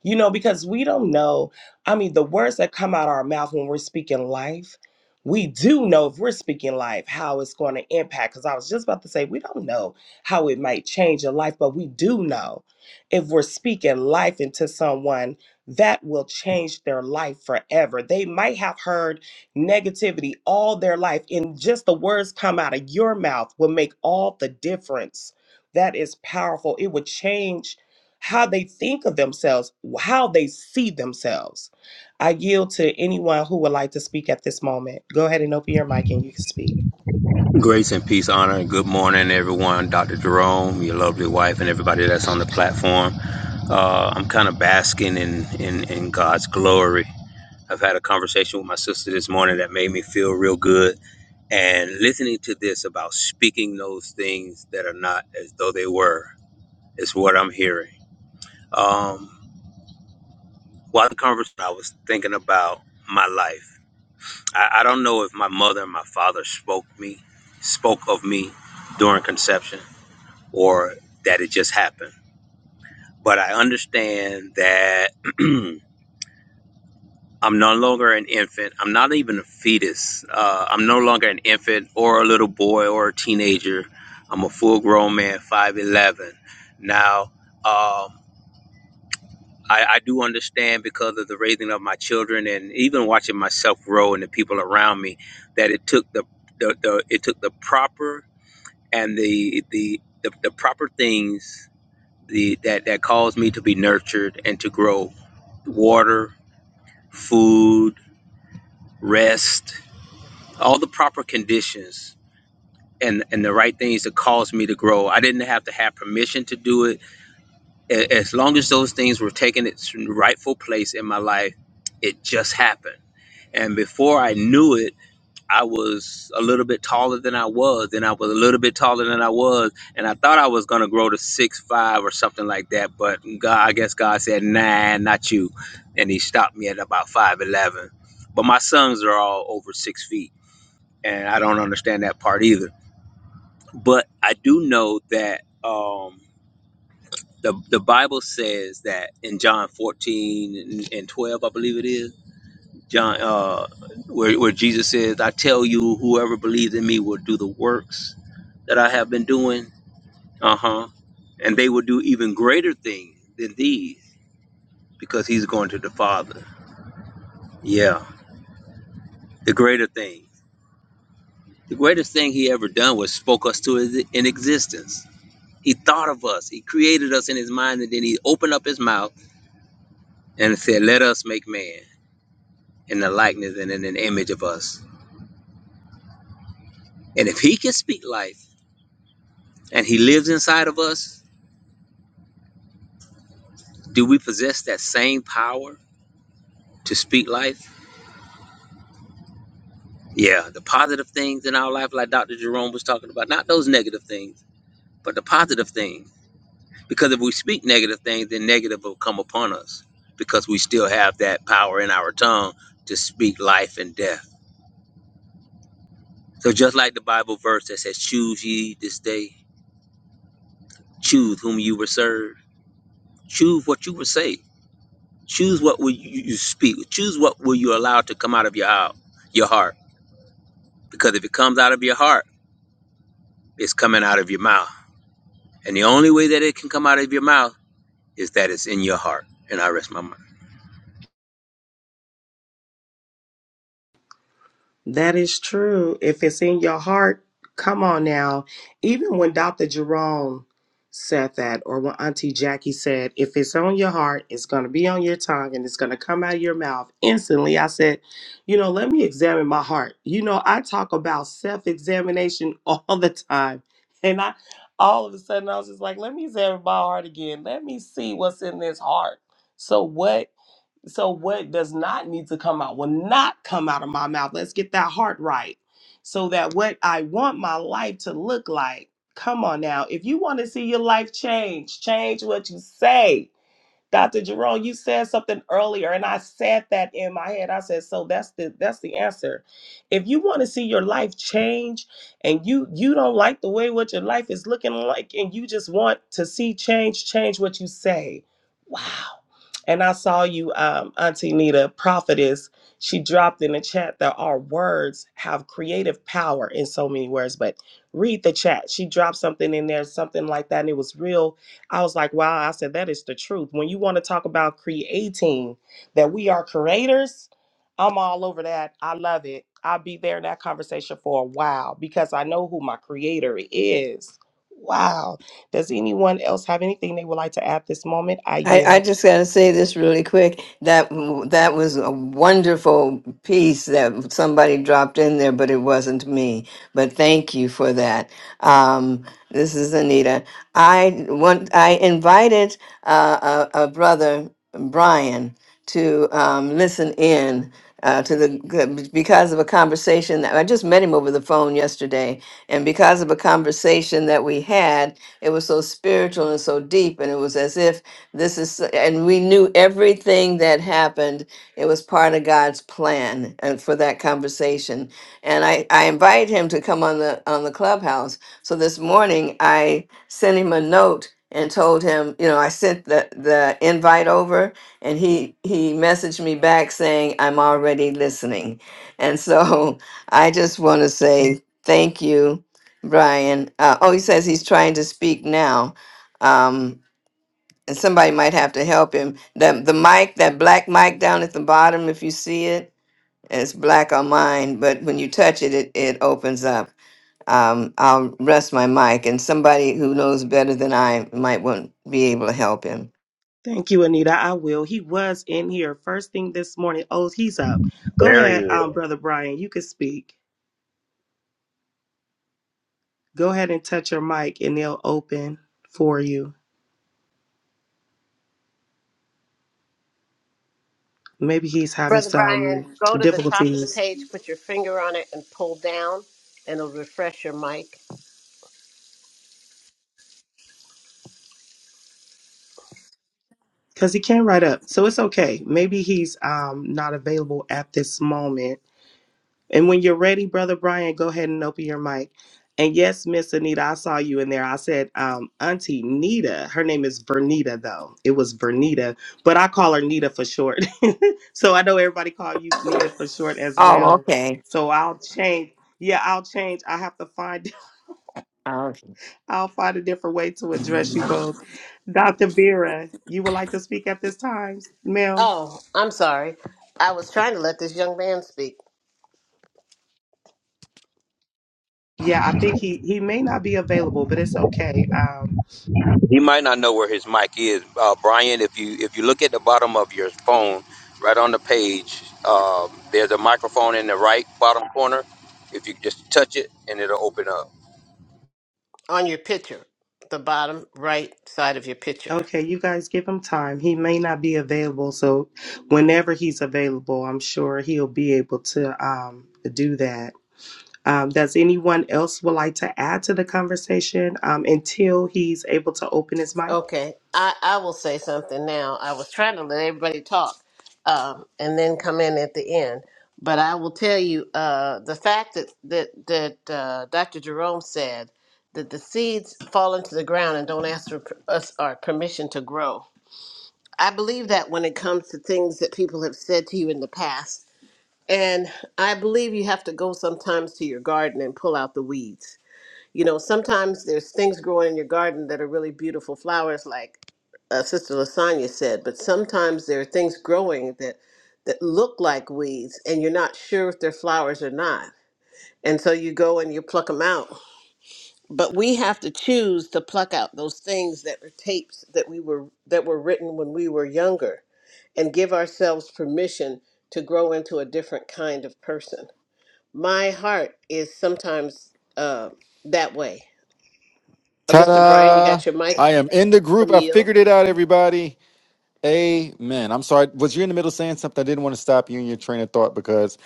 you know, because we don't know. I mean, the words that come out our mouth when we're speaking life, we do know if we're speaking life how it's going to impact. Because I was just about to say, we don't know how it might change your life, but we do know if we're speaking life into someone that will change their life forever. They might have heard negativity all their life, and just the words come out of your mouth will make all the difference. That is powerful. It would change how they think of themselves, how they see themselves. I yield to anyone who would like to speak at this moment. Go ahead and open your mic and you can speak.
Grace and peace, honor, and good morning, everyone. Dr. Jerome, your lovely wife, and everybody that's on the platform. Uh, I'm kind of basking in, in, in God's glory. I've had a conversation with my sister this morning that made me feel real good. And listening to this about speaking those things that are not as though they were is what I'm hearing. Um, while the conversation, I was thinking about my life. I, I don't know if my mother and my father spoke me, spoke of me during conception or that it just happened. But I understand that I'm no longer an infant. I'm not even a fetus. Uh, I'm no longer an infant or a little boy or a teenager. I'm a full grown man, 5'11. Now, um, I, I do understand because of the raising of my children and even watching myself grow and the people around me that it took the, the, the it took the proper and the the, the, the proper things the, that that caused me to be nurtured and to grow water food rest all the proper conditions and and the right things that caused me to grow i didn't have to have permission to do it A- as long as those things were taking its rightful place in my life it just happened and before i knew it I was a little bit taller than I was, and I was a little bit taller than I was, and I thought I was gonna grow to six five or something like that. But God, I guess God said, "Nah, not you," and He stopped me at about five eleven. But my sons are all over six feet, and I don't understand that part either. But I do know that um, the the Bible says that in John fourteen and, and twelve, I believe it is John, uh, where, where Jesus says, I tell you, whoever believes in me will do the works that I have been doing. Uh huh. And they will do even greater things than these because he's going to the Father. Yeah, the greater thing. The greatest thing he ever done was spoke us to his, in existence. He thought of us, he created us in his mind, and then he opened up his mouth and said, Let us make man in the likeness and in an image of us. And if he can speak life and he lives inside of us, Do we possess that same power to speak life? Yeah, the positive things in our life, like Dr. Jerome was talking about, not those negative things, but the positive things. Because if we speak negative things, then negative will come upon us because we still have that power in our tongue to speak life and death. So, just like the Bible verse that says, Choose ye this day, choose whom you will serve, choose what you will say, choose what will you you speak, choose what will you allow to come out of your, hou- your heart. Because if it comes out of your heart, It's coming out of your mouth. And the only way that it can come out of your mouth is that it's in your heart. And I rest my mind.
That is true. If it's in your heart, come on now. Even when Dr. Jerome said that, or when Auntie Jackie said, if it's on your heart, it's going to be on your tongue and it's going to come out of your mouth instantly. I said, you know, let me examine my heart. You know, I talk about self examination all the time. And I, all of a sudden, I was just like, let me examine my heart again. Let me see what's in this heart. So, what? So what does not need to come out will not come out of my mouth. Let's get that heart right. So that what I want my life to look like, come on now. If you want to see your life change, change what you say. Dr. Jerome, you said something earlier, and I said that in my head. I said, so that's the that's the answer. If you want to see your life change and you you don't like the way what your life is looking like, and you just want to see change, change what you say. Wow. And I saw you, um, Auntie Nita, prophetess. She dropped in the chat that our words have creative power in so many words, but read the chat. She dropped something in there, something like that, and it was real I was like, wow, I said, that is the truth. When you want to talk about creating, that we are creators, I'm all over that. I love it. I'll be there in that conversation for a while because I know who my creator is. Wow. Does anyone else have anything they would like to add this moment? I
I, I
yield.
just got to say this really quick. That that was a wonderful piece that somebody dropped in there, but it wasn't me. But thank you for that. Um, this is Anita. I want I invited uh, a, a brother Brian to um, listen in uh, to the because of a conversation that I just met him over the phone yesterday, and because of a conversation that we had, it was so spiritual and so deep, and it was as if this is, and we knew everything that happened. It was part of God's plan and for that conversation. And I, I invite him to come on the, on the clubhouse. So this morning I sent him a note and told him, you know, I sent the, the invite over and he, he messaged me back saying, I'm already listening. And so I just want to say thank you, Brian. Uh, oh, he says he's trying to speak now. Um, and somebody might have to help him. The the mic, that black mic down at the bottom, if you see it, it's black on mine, but when you touch it, it, it opens up. Um, I'll rest my mic, and somebody who knows better than I might want be able to help him.
Thank you, Anita. I will. He was in here first thing this morning. Oh, he's up. Go
There he
ahead,
is.
um, Brother Brian. You can speak. Go ahead and touch your mic and they'll open for you. maybe he's having
Brother
some
Brian, go to the top of the
difficulties
page, put your finger on it, and pull down, and it'll refresh your mic.
because he can't write up. So it's okay. Maybe he's um, not available at this moment. And when you're ready, Brother Brian, go ahead and open your mic. And yes, Miss Anita, I saw you in there. I said, um, Auntie Nita. Her name is Vernita, though. It was Vernita, but I call her Nita for short. so I know everybody call you Nita for short as
Oh,
well.
okay.
So I'll change. Yeah, I'll change. I have to find I'll find a different way to address you both. Dr. Vera, you would like to speak at this time, ma'am?
Oh, I'm sorry. I was trying to let this young man speak
Yeah, I think he, he may not be available, but it's okay. Um,
He might not know where his mic is, uh, Brian. If you if you look at the bottom of your phone, right on the page, um, there's a microphone in the right bottom corner. If you just touch it, and it'll open up.
on your picture, the bottom right side of your picture.
okay, you guys give him time. He may not be available, so whenever he's available, I'm sure he'll be able to um, do that. Um, does anyone else would like to add to the conversation um, until he's able to open his mic?
Okay, I, I will say something now. I was trying to let everybody talk um, and then come in at the end. But I will tell you uh, the fact that, that, that uh, Dr. Jerome said that the seeds fall into the ground and don't ask for per- us our permission to grow. I believe that when it comes to things that people have said to you in the past. And I believe you have to go sometimes to your garden and pull out the weeds. You know, sometimes there's things growing in your garden that are really beautiful flowers like uh, Sister Lasagna said, but sometimes there are things growing that that look like weeds, and you're not sure if they're flowers or not, and so you go and you pluck them out. But we have to choose to pluck out those things that are tapes that we were that were written when we were younger, and give ourselves permission to grow into a different kind of person. My heart is sometimes uh, that way. Uh, Mr. Brian, you
Ta-da!
got your mic?
I am in the
I'll
group. I
yield.
figured it out, everybody. Amen. I'm sorry. Was you in the middle of saying something? I didn't want to stop you in your train of thought because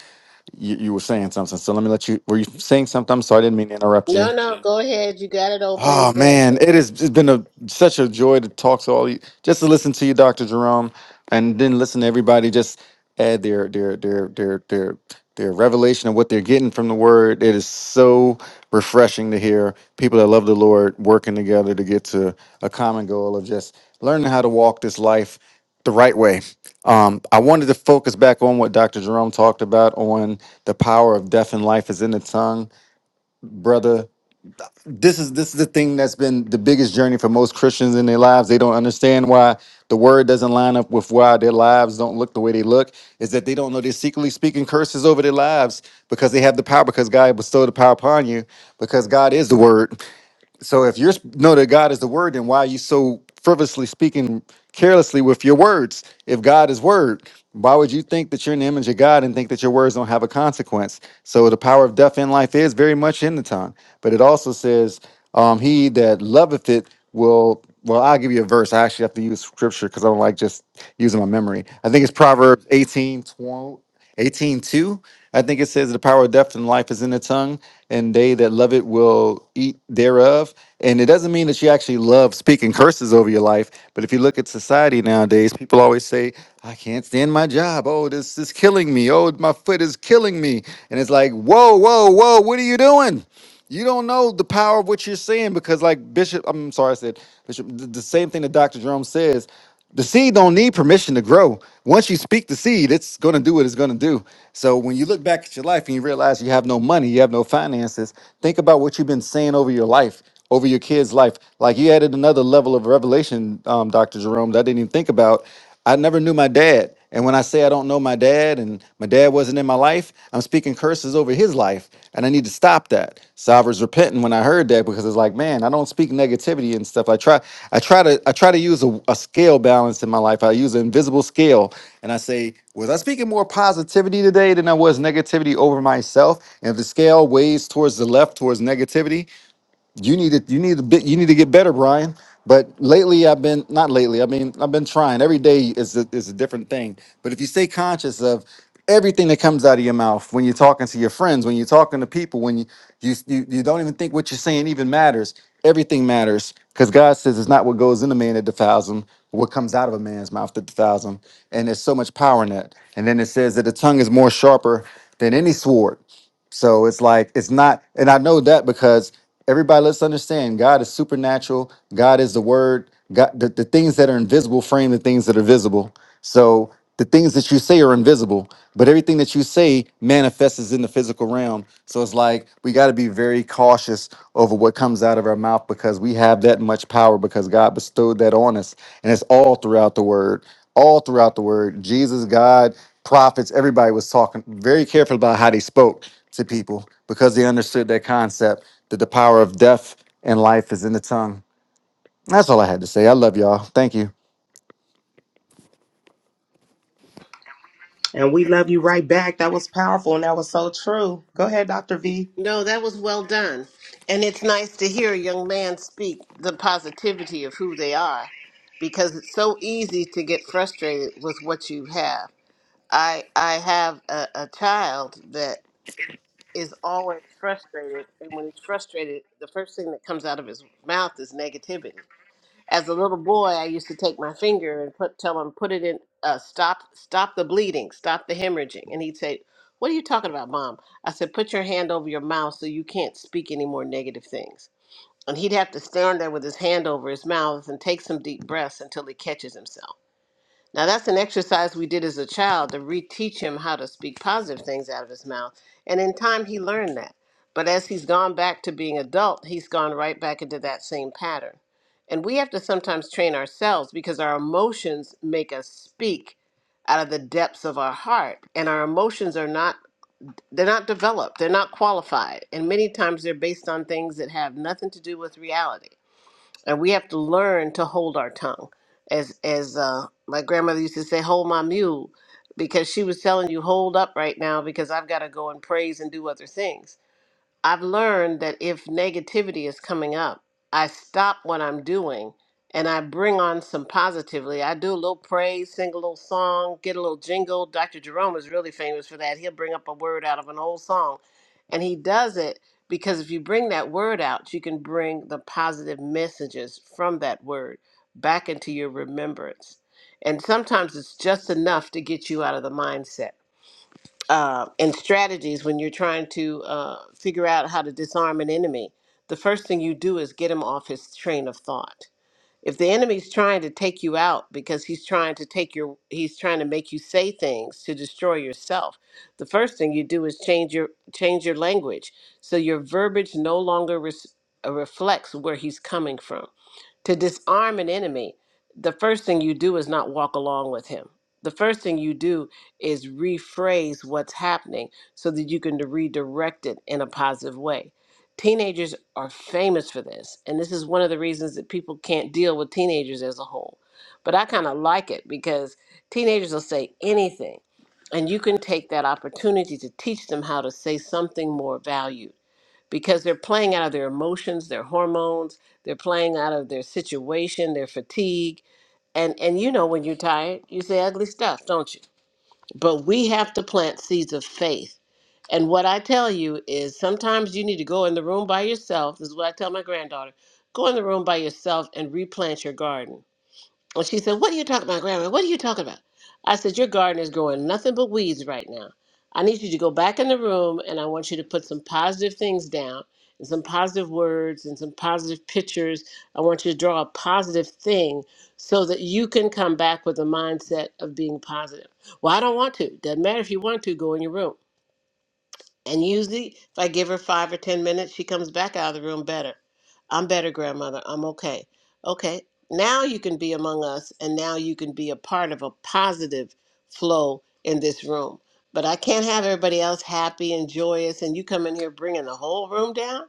you, you were saying something. So let me let you. Were you saying something? I'm sorry. I didn't mean to interrupt you.
No, no, go ahead. You got it open.
Oh
You got it
man, it
going.
has it's been a such a joy to talk to all you. Just to listen to you, Doctor Jerome, and then listen to everybody just add their their their their their their revelation of what they're getting from the Word. It is so refreshing to hear people that love the Lord working together to get to a common goal of just learning how to walk this life the right way. Um, I wanted to focus back on what Dr. Jerome talked about on the power of death and life is in the tongue, brother this is this is the thing that's been the biggest journey for most Christians in their lives. They don't understand why the word doesn't line up with why their lives don't look the way they look. Is that they don't know they're secretly speaking curses over their lives because they have the power because God bestowed the power upon you because God is the word. So if you know that God is the word, then why are you so frivolously speaking carelessly with your words? If God is word, why would you think that you're in the image of God and think that your words don't have a consequence? So the power of death in life is very much in the tongue. But it also says, um, he that loveth it will well, I'll give you a verse. I actually have to use scripture because I don't like just using my memory. I think it's Proverbs eighteen twenty. Eighteen two, I think it says the power of death and life is in the tongue, and they that love it will eat thereof. And it doesn't mean that you actually love speaking curses over your life, but if you look at society nowadays, people always say, I can't stand my job. Oh, this is killing me. Oh, my foot is killing me. And it's like, whoa, whoa, whoa, what are you doing? You don't know the power of what you're saying because, like Bishop, I'm sorry, I said Bishop, th- the same thing that Dr. Jerome says. The seed don't need permission to grow. Once you speak the seed, it's going to do what it's going to do. So when you look back at your life and you realize you have no money, you have no finances, think about what you've been saying over your life, over your kid's life. Like you added another level of revelation, um, Dr. Jerome, that I didn't even think about. I never knew my dad. And when I say I don't know my dad and my dad wasn't in my life, I'm speaking curses over his life. And I need to stop that. So I was repenting when I heard that because it's like, man, I don't speak negativity and stuff. I try, I try to, I try to use a, a scale balance in my life. I use an invisible scale. And I say, was I speaking more positivity today than I was negativity over myself? And if the scale weighs towards the left, towards negativity, you need to you need a bit you need to get better brian but lately i've been not lately i mean i've been trying every day is a, is a different thing but if you stay conscious of everything that comes out of your mouth when you're talking to your friends when you're talking to people when you you you, you don't even think what you're saying even matters everything matters because god says it's not what goes in a man that defiles him but what comes out of a man's mouth that defiles him and there's so much power in that and then it says that the tongue is more sharper than any sword so it's like it's not, and I know that because everybody let's understand God is supernatural. God is the Word. God, the, the things that are invisible frame the things that are visible. So the things that you say are invisible, but everything that you say manifests is in the physical realm. So it's like we got to be very cautious over what comes out of our mouth because we have that much power because God bestowed that on us, and it's all throughout the Word all throughout the word. Jesus, God, prophets, everybody was talking very careful about how they spoke to people because they understood that concept that the power of death and life is in the tongue. That's all I had to say. I love y'all. Thank you.
And we love you right back. That was powerful and that was so true. Go ahead, Dr. V.
No, that was well done. And it's nice to hear a young man speak the positivity of who they are because it's so easy to get frustrated with what you have. I I have a, a child that is always frustrated and when he's frustrated the first thing that comes out of his mouth is negativity as a little boy, I used to take my finger and put tell him put it in uh, stop stop the bleeding, stop the hemorrhaging, and he'd say, "What are you talking about, mom?" I said, "Put your hand over your mouth so you can't speak any more negative things." And he'd have to stand there with his hand over his mouth and take some deep breaths until he catches himself. Now, that's an exercise we did as a child to reteach him how to speak positive things out of his mouth. And in time, he learned that. But as he's gone back to being adult, he's gone right back into that same pattern. And we have to sometimes train ourselves because our emotions make us speak out of the depths of our heart. And our emotions are not, they're not developed, they're not qualified. And many times they're based on things that have nothing to do with reality and we have to learn to hold our tongue as as uh, my grandmother used to say hold my mule because she was telling you hold up right now because i've got to go and praise and do other things I've learned that if negativity is coming up, I stop what I'm doing and I bring on some positively. I do a little praise, sing a little song, get a little jingle. Dr. Jerome is really famous for that. He'll bring up a word out of an old song. And he does it because if you bring that word out, you can bring the positive messages from that word back into your remembrance. And sometimes it's just enough to get you out of the mindset uh, and strategies when you're trying to uh, figure out how to disarm an enemy, the first thing you do is get him off his train of thought. If the enemy's trying to take you out because he's trying to take your, he's trying to make you say things to destroy yourself. The first thing you do is change your change your language so your verbiage no longer res, uh, reflects where he's coming from to disarm an enemy, the first thing you do is not walk along with him. The first thing you do is rephrase what's happening so that you can redirect it in a positive way. Teenagers are famous for this, and this is one of the reasons that people can't deal with teenagers as a whole. But I kind of like it because teenagers will say anything, and you can take that opportunity to teach them how to say something more valued because they're playing out of their emotions, their hormones, they're playing out of their situation, their fatigue. And and you know when you're tired, you say ugly stuff, don't you? But we have to plant seeds of faith. And what I tell you is sometimes you need to go in the room by yourself. This is what I tell my granddaughter. Go in the room by yourself and replant your garden and she said, What are you talking about, Grandma? What are you talking about? I said, Your garden is growing nothing but weeds right now. I need you to go back in the room and I want you to put some positive things down and some positive words and some positive pictures. I want you to draw a positive thing so that you can come back with a mindset of being positive. Well, I don't want to. Doesn't matter if you want to, go in your room. And usually, if I give her five or 10 minutes, she comes back out of the room better. I'm better, grandmother. I'm okay. Okay, now you can be among us, and now you can be a part of a positive flow in this room. But I can't have everybody else happy and joyous, and you come in here bringing the whole room down?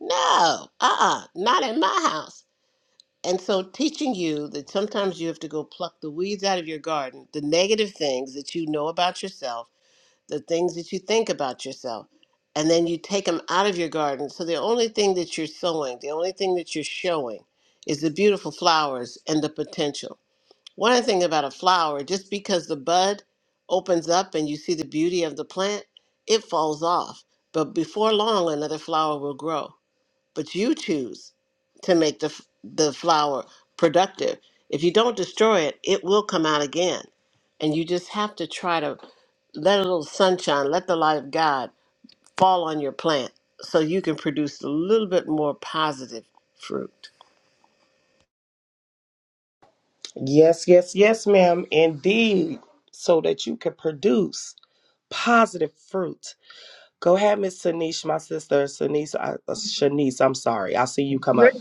No, uh uh not in my house. And so, teaching you that sometimes you have to go pluck the weeds out of your garden, the negative things that you know about yourself the things that you think about yourself, and then you take them out of your garden. So the only thing that you're sowing, the only thing that you're showing is the beautiful flowers and the potential. One other thing about a flower, just because the bud opens up and you see the beauty of the plant, it falls off. But before long, another flower will grow but you choose to make the f- the flower productive. If you don't destroy it, it will come out again. And you just have to try to let a little sunshine, let the light of God fall on your plant so you can produce a little bit more positive fruit.
Yes, yes, yes, ma'am. Indeed. So that you can produce positive fruit. Go ahead, Miss Sanish, my sister. Sanish, I, uh, Shanice, I'm sorry. I see you come up.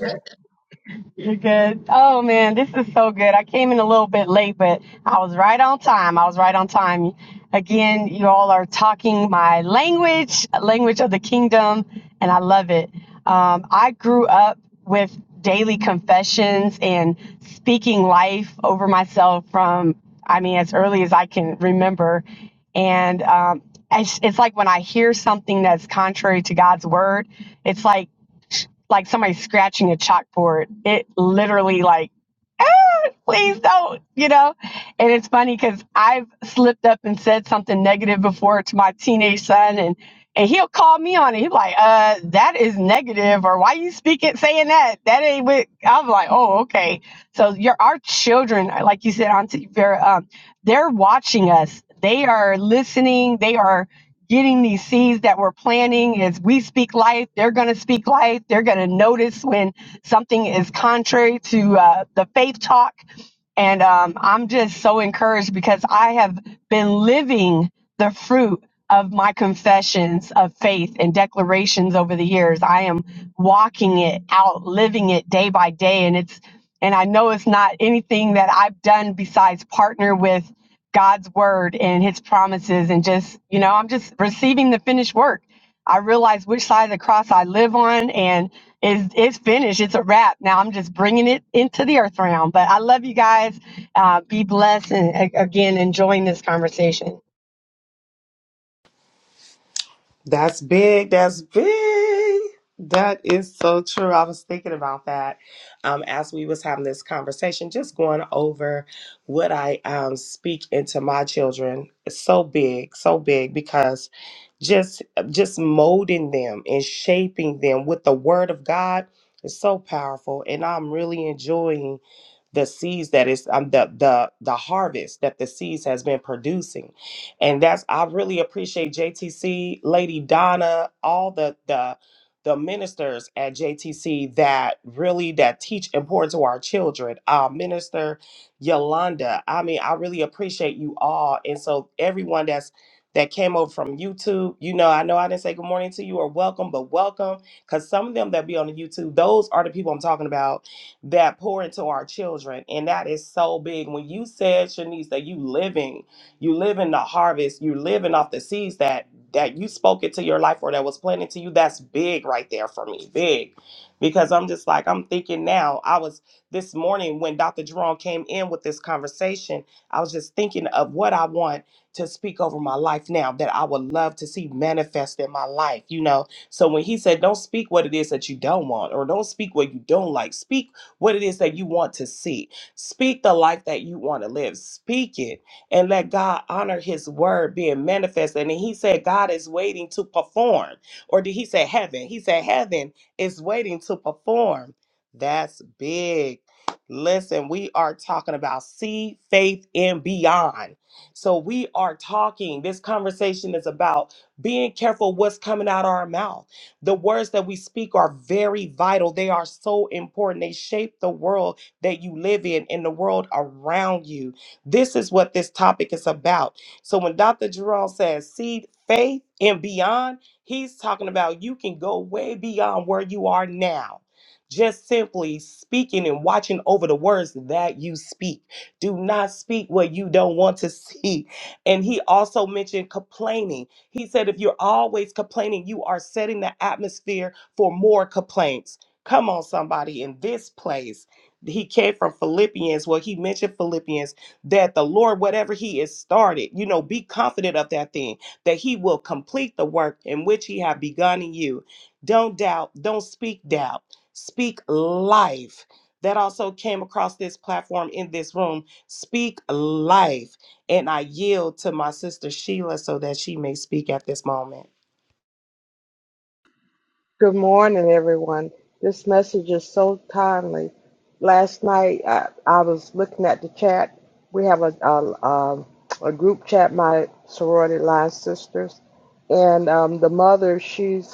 You're good. Oh man, this is so good. I came in a little bit late, but I was right on time. I was right on time. Again, you all are talking my language, language of the kingdom, and I love it. Um, I grew up with daily confessions and speaking life over myself from, I mean, as early as I can remember. And um, it's, it's like when I hear something that's contrary to God's word, it's like, like somebody scratching a chalkboard. It literally like, ah, please don't, you know? And it's funny because I've slipped up and said something negative before to my teenage son and and he'll call me on it. He's like, uh, that is negative, or why you speaking saying that? That ain't what I'm like, oh, okay. So your our children, like you said, Auntie Vera, um, they're watching us. They are listening, they are getting these seeds that we're planting as we speak life they're going to speak life they're going to notice when something is contrary to uh, the faith talk and um, I'm just so encouraged because I have been living the fruit of my confessions of faith and declarations over the years. I am walking it out, living it day by day. And it's, and I know it's not anything that I've done besides partner with God's word and his promises. And just, you know, I'm just receiving the finished work. I realize which side of the cross I live on. and. It's, it's finished. It's a wrap. Now I'm just bringing it into the earth realm. But I love you guys. Uh, be blessed. And a- again, enjoying this conversation.
That's big. That's big. That is so true. I was thinking about that um, as we was having this conversation, just going over what I um, speak into my children. It's so big, so big because just just molding them and shaping them with the word of God is so powerful. And I'm really enjoying the seeds that is um, the the the harvest that the seeds has been producing and that's i really appreciate jtc lady donna all the the the ministers at jtc that really that teach important to our children uh, minister yolanda i mean i really appreciate you all and so everyone that's that came over from youtube you know i know i didn't say good morning to you or welcome but welcome because some of them that be on the youtube those are the people i'm talking about that pour into our children. And that is so big. When you said, Shanice, that you living, you live in the harvest, you living off the seeds that that you spoke into your life or that was planted to you, that's big right there for me. Big. Because I'm just like, I'm thinking now, I was this morning when Dr. Jerome came in with this conversation, I was just thinking of what I want to speak over my life now that I would love to see manifest in my life, you know. So when he said, Don't speak what it is that you don't want, or don't speak what you don't like, speak what it is that you want to see. Speak the life that you want to live. Speak it and let God honor his word being manifested. And then he said, God is waiting to perform. Or did he say heaven? He said, heaven is waiting to perform. That's big. Listen, we are talking about see faith and beyond. So we are talking, this conversation is about being careful what's coming out of our mouth the words that we speak are very vital. They are so important. They shape the world that you live in and the world around you. This is what this topic is about. So when Dr. Jerome says seed faith and beyond, he's talking about you can go way beyond where you are now. Just simply speaking and watching over the words that you speak. Do not speak what you don't want to see. And he also mentioned complaining. He said, if you're always complaining, you are setting the atmosphere for more complaints. Come on, somebody, in this place. He came from Philippians. Well, he mentioned Philippians that the Lord, whatever he has started, you know, be confident of that thing, that he will complete the work in which he have begun in you. Don't doubt, don't speak doubt, speak life. That also came across this platform in this room. Speak life and I yield to my sister Sheila so that she may speak at this moment.
Good morning, everyone. This message is so timely. Last night, I, I was looking at the chat. We have a, a, um a group chat, my sorority line sisters, and um, the mother, she's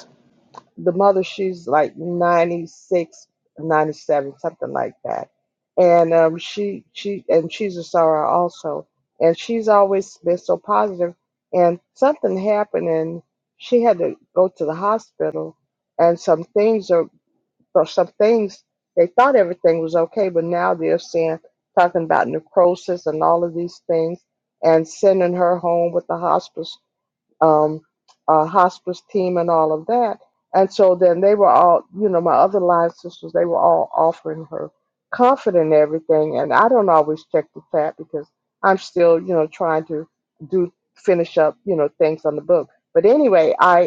the mother she's like 96, 97, something like that and um, she she and she's a sorrow also and she's always been so positive positive. and something happened and she had to go to the hospital and some things are or some things they thought everything was okay but now they're saying talking about necrosis and all of these things and sending her home with the hospice um, uh, hospice team and all of that. And so then they were all, you know, my other line sisters, they were all offering her comfort and everything. And I don't always check the chat because I'm still, you know, trying to do finish up, you know, things on the book. But anyway, I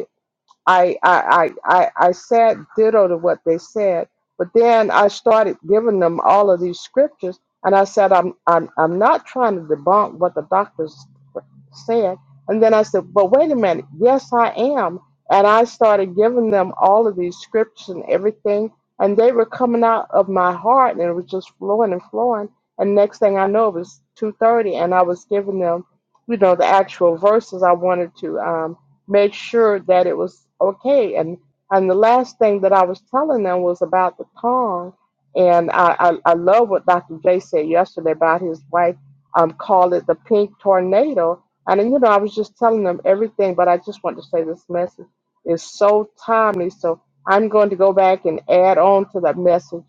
I I I I, I said ditto to what they said, but then I started giving them all of these scriptures, and I said I'm I'm I'm not trying to debunk what the doctors said, and then I said, but wait a minute, yes I am, and I started giving them all of these scriptures and everything, and they were coming out of my heart, and it was just flowing and flowing, and next thing I know, it was two thirty, and I was giving them, you know, the actual verses I wanted to. Um, make sure that it was okay. And and the last thing that I was telling them was about the tongue. And I, I, I love what Dr. J said yesterday about his wife um called it the pink tornado. And you know, I was just telling them everything, but I just want to say this message is so timely. So I'm going to go back and add on to that message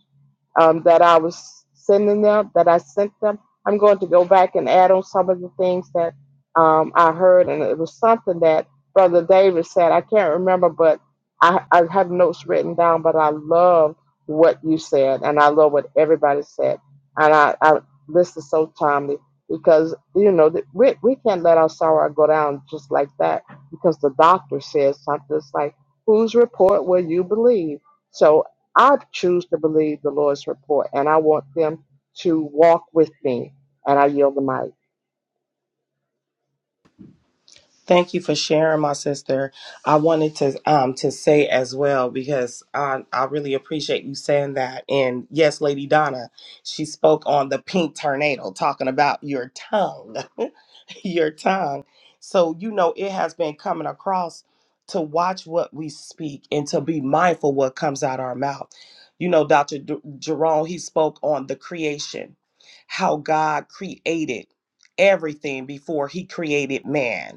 um, that I was sending them, that I sent them. I'm going to go back and add on some of the things that um, I heard, and it was something that Brother David said. I can't remember, but I, I have notes written down. But I love what you said, and I love what everybody said, and I, I this is so timely because you know that we we can't let our sorrow go down just like that because the doctor says something. It's like whose report will you believe? So I choose to believe the Lord's report and I want them to walk with me and I yield the mic.
Thank you for sharing, my sister. I wanted to um to say as well because I I really appreciate you saying that. And yes, Lady Donna, she spoke on the pink tornado, talking about your tongue. your tongue. So, you know, it has been coming across to watch what we speak and to be mindful what comes out our mouth. You know, Dr. D- Jerome, he spoke on the creation, how God created everything before he created man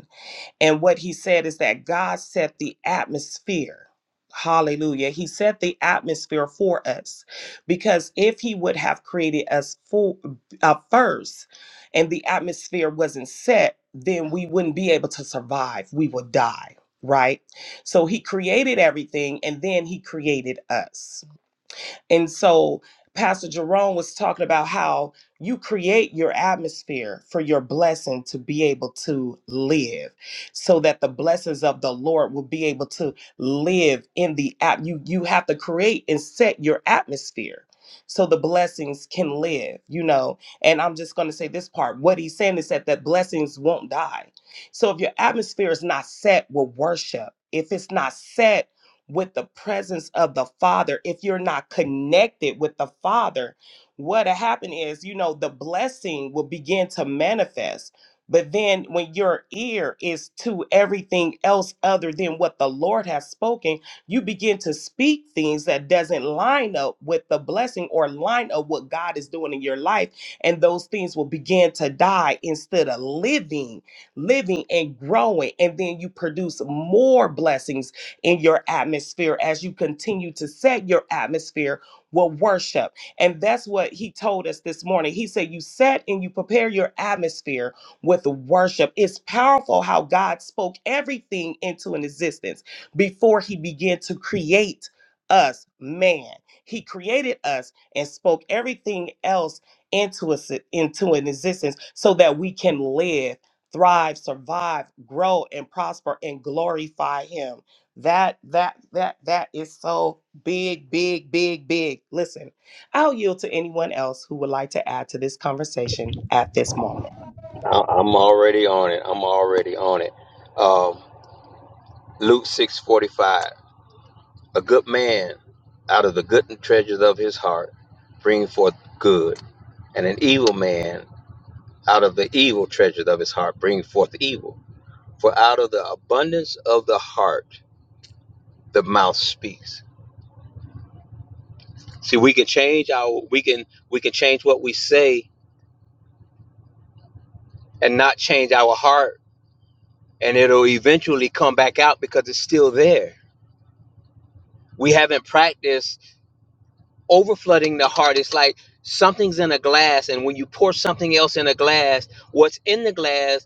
and what he said is that God set the atmosphere. Hallelujah. He set the atmosphere for us because if he would have created us for, uh, first and the atmosphere wasn't set, then we wouldn't be able to survive. We would die, right? So he created everything and then he created us. And so Pastor Jerome was talking about how you create your atmosphere for your blessing to be able to live so that the blessings of the Lord will be able to live in the app. You you have to create and set your atmosphere so the blessings can live, you know. And I'm just gonna say this part. What he's saying is that the blessings won't die. So if your atmosphere is not set with worship, if it's not set with the presence of the Father, if you're not connected with the Father, what'll happen is, you know, the blessing will begin to manifest. But then when your ear is to everything else other than what the Lord has spoken, you begin to speak things that doesn't line up with the blessing or line up what God is doing in your life. And those things will begin to die instead of living, living and growing. And then you produce more blessings in your atmosphere as you continue to set your atmosphere with worship. And that's what he told us this morning. He said, You set and you prepare your atmosphere with worship. It's powerful how God spoke everything into an existence before he began to create us, man. He created us and spoke everything else into us into an existence so that we can live, thrive, survive, grow, and prosper and glorify him. That that that that is so big, big, big, big. Listen, I'll yield to anyone else who would like to add to this conversation at this moment.
I- I'm already on it. I'm already on it. Um, Luke 6:45 A good man out of the good treasures of his heart bring forth good and an evil man out of the evil treasures of his heart bring forth evil for out of the abundance of the heart the mouth speaks see we can change our we can we can change what we say and not change our heart and it'll eventually come back out because it's still there we haven't practiced overflooding the heart is like something's in a glass and when you pour something else in a glass what's in the glass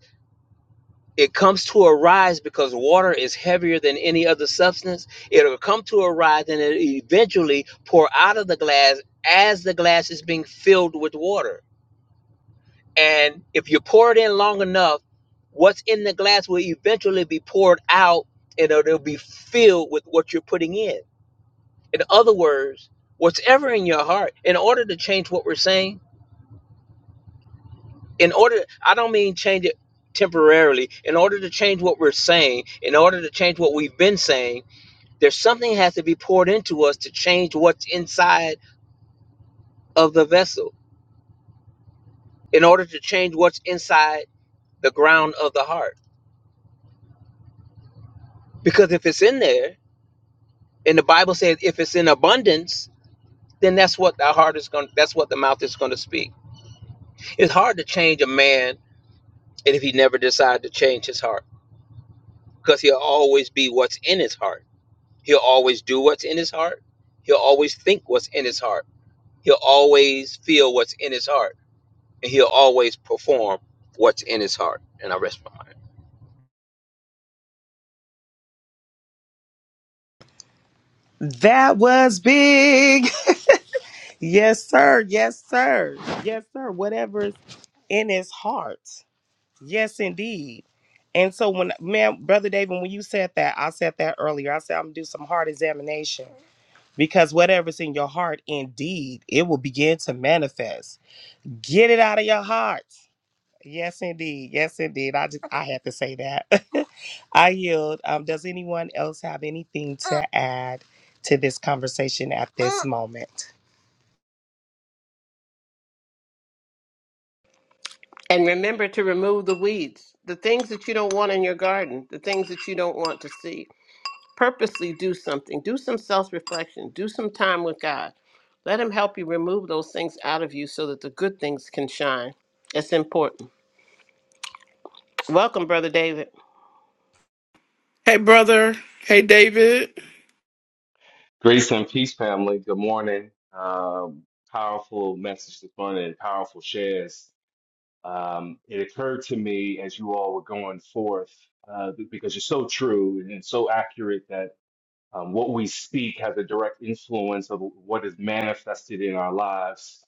it comes to a rise because water is heavier than any other substance it'll come to a rise and it eventually pour out of the glass as the glass is being filled with water and if you pour it in long enough what's in the glass will eventually be poured out and it'll be filled with what's in in other words what's in your heart and it'll change what we're saying in order i don't mean change it temporarily in order to change what we're saying in order to change what we've been saying there's something has to be poured into us to change what's inside of us in the heart because if it's in there and the bible says if it's in abundance then that's what the heart is going that's what the mouth is going to speak it's hard to change a man and if he never decides to change his heart because he'll always be what's in his heart he'll always do what's in his heart he'll always think what's in his heart He'll always feel what's in his heart, and he'll always perform what's in his heart. And I rest my.
That was big. Yes, sir. Yes, sir. Yes, sir. Whatever's in his heart. Yes, indeed. And so when man, brother David, when you said that, I said that earlier. I said I'm gonna do some heart examination because whatever's in your heart, indeed, it will begin to manifest. Get it out of your heart Yes, indeed. Yes, indeed. I just I had to say that. I yield. Um, does anyone else have anything to add to this conversation at this moment?
And remember to remove the weeds, the things that you don't want in your garden, the things that you don't want to see. purposely do something. Do some self reflection. Do some time with God. Let Him help you remove those things out of you so that the good things can shine. It's important. Welcome, Brother David.
Hey, brother. Hey, David.
Grace and peace, family. Good morning. Um, powerful message this morning and powerful shares. Um, it occurred to me as you all were going forth, uh, because you're so true and so accurate that um, what we speak has a direct influence of what is manifested in our lives.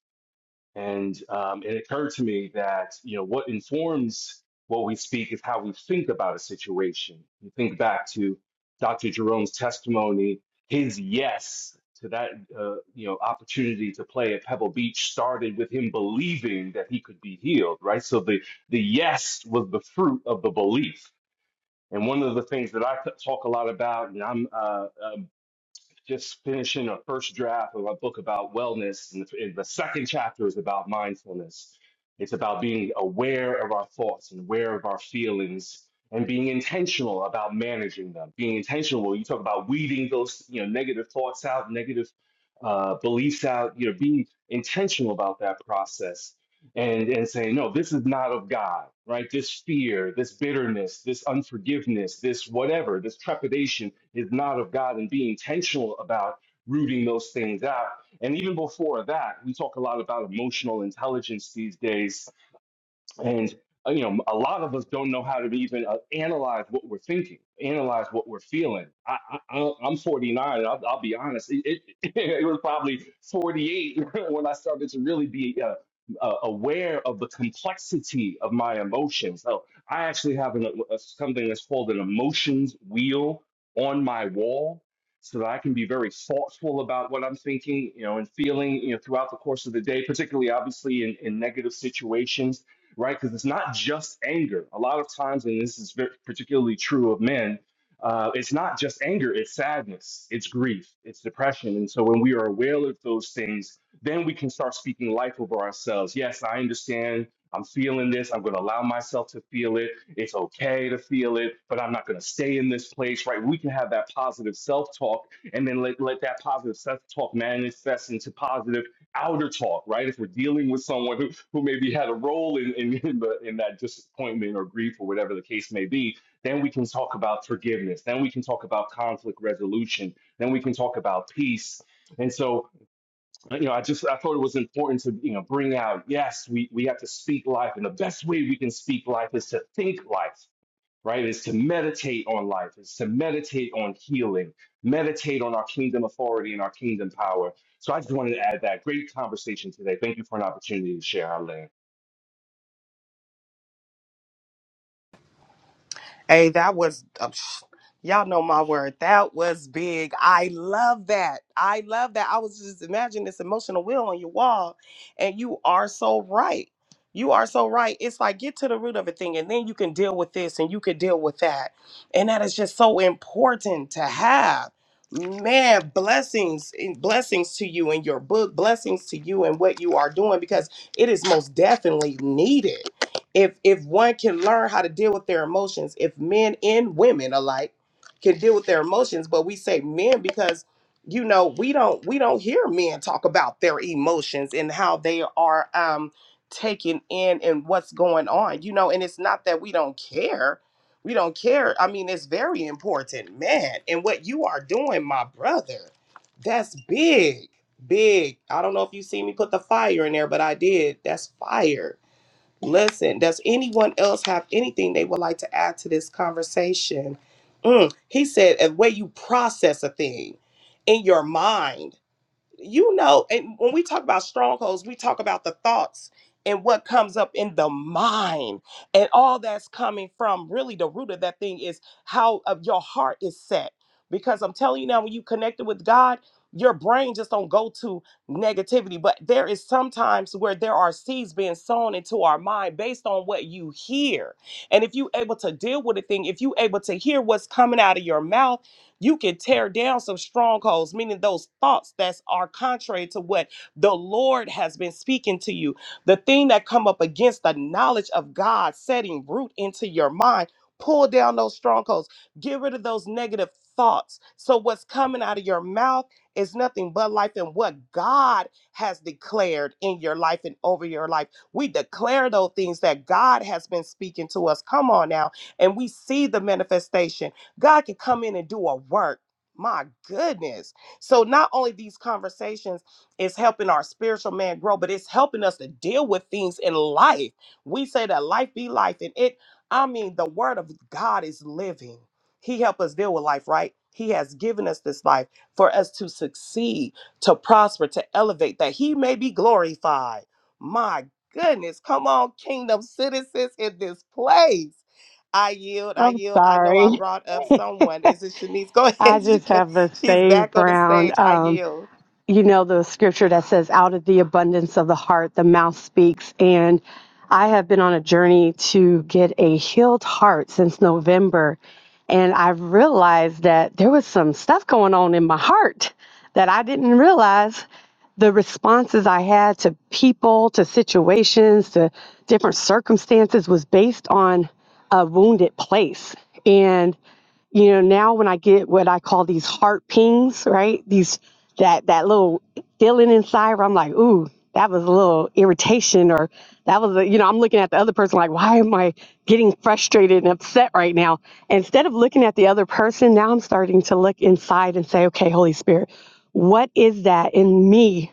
And um, it occurred to me that you know what informs what we speak is how we think about a situation. You think back to Dr. Jerome's testimony, his yes to that uh, you know opportunity to play at Pebble Beach started with him believing that he could be healed, right? So the the yes was the fruit of the belief. And one of the things that I talk a lot about, and I'm uh, uh, just finishing a first draft of a book about wellness, and the, and the second chapter is about mindfulness. It's about being aware of our thoughts and aware of our feelings, and being intentional about managing them. Being intentional, well, you talk about weeding those, you know, negative thoughts out, negative uh, beliefs out. You know, being intentional about that process and and saying no this is not of god right this fear this bitterness this unforgiveness this whatever this trepidation is not of god and be intentional about rooting those things out and even before that we talk a lot about emotional intelligence these days and uh, you know, a lot of us don't know how to even uh, analyze what we're thinking, analyze what we're feeling. I, I, I- I'm 49, and I'll, I'll be honest. It, it, it was probably 48 when I started to really be uh, uh, aware of the complexity of my emotions. So I actually have an, a, something that's called an emotions wheel on my wall, so that I can be very thoughtful about what I'm thinking, you know, and feeling, you know, throughout the course of the day, particularly obviously in, in negative situations right? Because it's not just anger. A lot of times, and this is very, particularly true of men, uh, it's not just anger, it's sadness, it's grief, it's depression. And so when we are aware of those things, then we can start speaking life over ourselves. Yes, I understand. I'm feeling this. I'm going to allow myself to feel it. It's okay to feel it, but I'm not going to stay in this place, right? We can have that positive self talk and then let, let that positive self talk manifest into positive outer talk, right? If we're dealing with someone who, who maybe had a role in, in, in, the, in that disappointment or grief or whatever the case may be, then we can talk about forgiveness. Then we can talk about conflict resolution. Then we can talk about peace. And so, you know, I just I thought it was important to you know bring out. Yes, we we have to speak life, and the best way we can speak life is to think life right? Is to meditate on life, is to meditate on healing, meditate on our kingdom authority and our kingdom power. So I just wanted to add that great conversation today. Thank you for an opportunity to share our land.
Hey, that was a Y'all know my word. That was big. I love that. I love that. I was just imagining this emotional wheel on your wall, and you are so right. You are so right. It's like get to the root of a thing, and then you can deal with this and you can deal with that. And that is just so important to have. Man, blessings and blessings to you and your book, blessings to you and what you are doing because it is most definitely needed. If if one can learn how to deal with their emotions, if men and women alike can deal with their emotions but we say men because you know we don't we don't hear men talk about their emotions and how they are um taken in and what's going on you know and it's not that we don't care we don't care i mean it's very important man and what you are doing my brother that's big big i don't know if you see me put the fire in there but i did that's fire Listen, does anyone else have anything they would like to add to this conversation? Mm, he said, "The way you process a thing in your mind." you know, and when we talk about strongholds, we talk about the thoughts and what comes up in the mind and all that's coming from really the root of that thing is how of your heart is set. Because I'm telling you now, when you connected with God, your brain just don't go to negativity. But there is sometimes where there are seeds being sown into our mind based on what you hear. And if you able to deal with a thing, if you able to hear what's coming out of your mouth, you can tear down some strongholds, meaning those thoughts that are contrary to what the Lord has been speaking to you. The thing that come up against the knowledge of God setting root into your mind, pull down those strongholds. Get rid of those negative thoughts. So what's coming out of your mouth is nothing but life and what God has declared in your life and over your life. We declare those things that God has been speaking to us. Come on now. And we see the manifestation. God can come in and do a work. My goodness. So not only these conversations is helping our spiritual man grow, but it's helping us to deal with things in life. We say that life be life and it I mean the word of God is living. He helped us deal with life, right? He has given us this life for us to succeed, to prosper, to elevate, that he may be glorified. My goodness, come on, kingdom citizens in this place. I yield, I
I'm
yield. I know I
sorry.
brought up someone. Is it Shanice? Go ahead.
I
She
just
can,
have a
she's back
save
on the stage.
round.
I
Um,
yield.
you know the scripture that says out of the abundance of the heart the mouth speaks and i have been on a journey to get a healed heart since november and i've realized that there was some stuff going on in my heart that i didn't realize the responses i had to people to situations to different circumstances was based on a wounded place and you know now when i get what i call these heart pings right these that that little feeling inside where i'm like ooh that was a little irritation or that was a you know i'm looking at the other person like why am i getting frustrated and upset right now instead of looking at the other person now i'm starting to look inside and say okay holy spirit what is that in me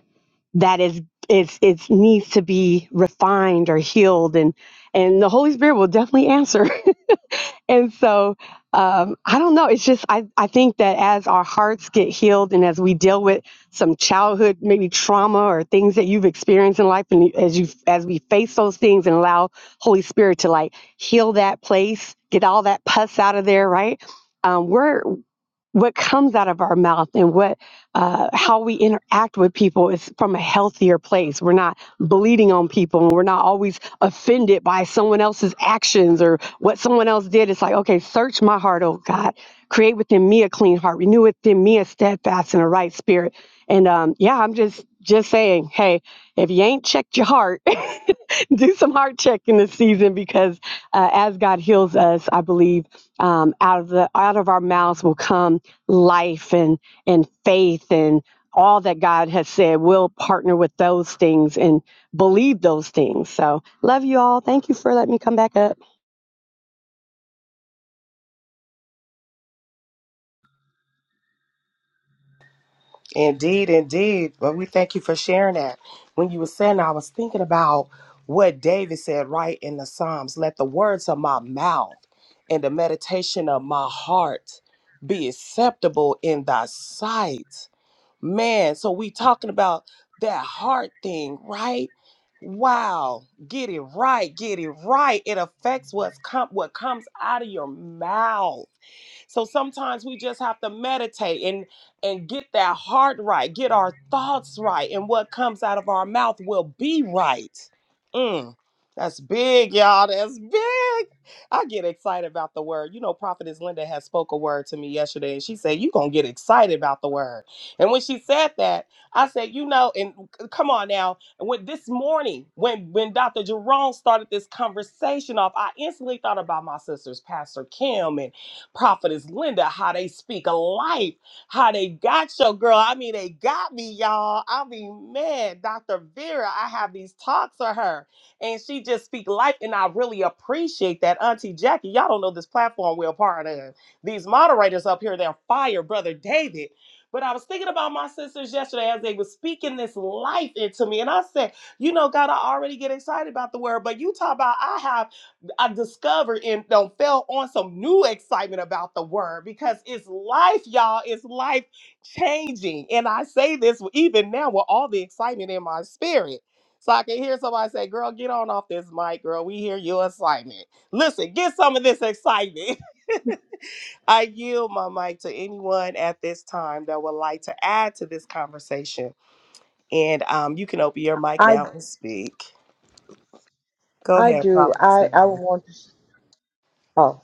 that is is it needs to be refined or healed and and the holy spirit will definitely answer and so um, I don't know. It's just I, I think that as our hearts get healed and as we deal with some childhood maybe trauma or things that you've experienced in life, and you- as you as we face those things and allow Holy Spirit to like heal that place, get all that pus out of there, right? Um, we're what comes out of our mouth and what uh, how we interact with people is from a healthier place. We're not bleeding on people, and we're not always offended by someone else's actions or what someone else did. It's like, okay, search my heart, oh God, create within me a clean heart, renew within me a steadfast and a right spirit. And um, yeah, I'm just just saying, hey, if you ain't checked your heart, do some heart checking this season because uh, as God heals us, I believe um, out of the out of our mouths will come life and and faith and all that God has said. We'll partner with those things and believe those things. So love you all. Thank you for letting me come back up.
Indeed, indeed. Well, we thank you for sharing that. When you were saying, that, I was thinking about what David said right in the Psalms let the words of my mouth and the meditation of my heart be acceptable in thy sight. Man, so we talking about that heart thing, right? Wow, get it right, get it right. It affects what's com- what comes out of your mouth. So sometimes we just have to meditate and and get that heart right, get our thoughts right, and what comes out of our mouth will be right. Mm, that's big, y'all. That's big. I get excited about the word. You know, Prophetess Linda had spoke a word to me yesterday, and she said, "You gonna get excited about the word." And when she said that, I said, "You know," and c- come on now. When this morning, when when Dr. Jerome started this conversation off, I instantly thought about my sisters, Pastor Kim, and. Prophetess Linda, how they speak of life, how they got your girl. I mean, they got me, y'all. I mean, man, Dr. Vera, I have these talks with her, and she just speak life, and I really appreciate that. Auntie Jackie, y'all don't know this platform we're a part of. These moderators up here, they're fire, Brother David. But I was thinking about my sisters yesterday as they were speaking this life into me, and I said, you know, God, I already get excited about the word, but you talk about I have. I discovered and don't fell on some new excitement about the word because it's life, y'all. It's life changing. And I say this even now with all the excitement in my spirit. So I can hear somebody say, Girl, get on off this mic, girl. We hear your excitement. Listen, get some of this excitement. I yield my mic to anyone at this time that would like to add to this conversation. And um, you can open your mic
I
now and speak. Go
I
ahead,
do.
Prophetess
I I
Linda.
want to. Oh,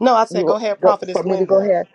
No, I said, Go
you
ahead,
go
Prophetess
for me to go
Linda.
ahead.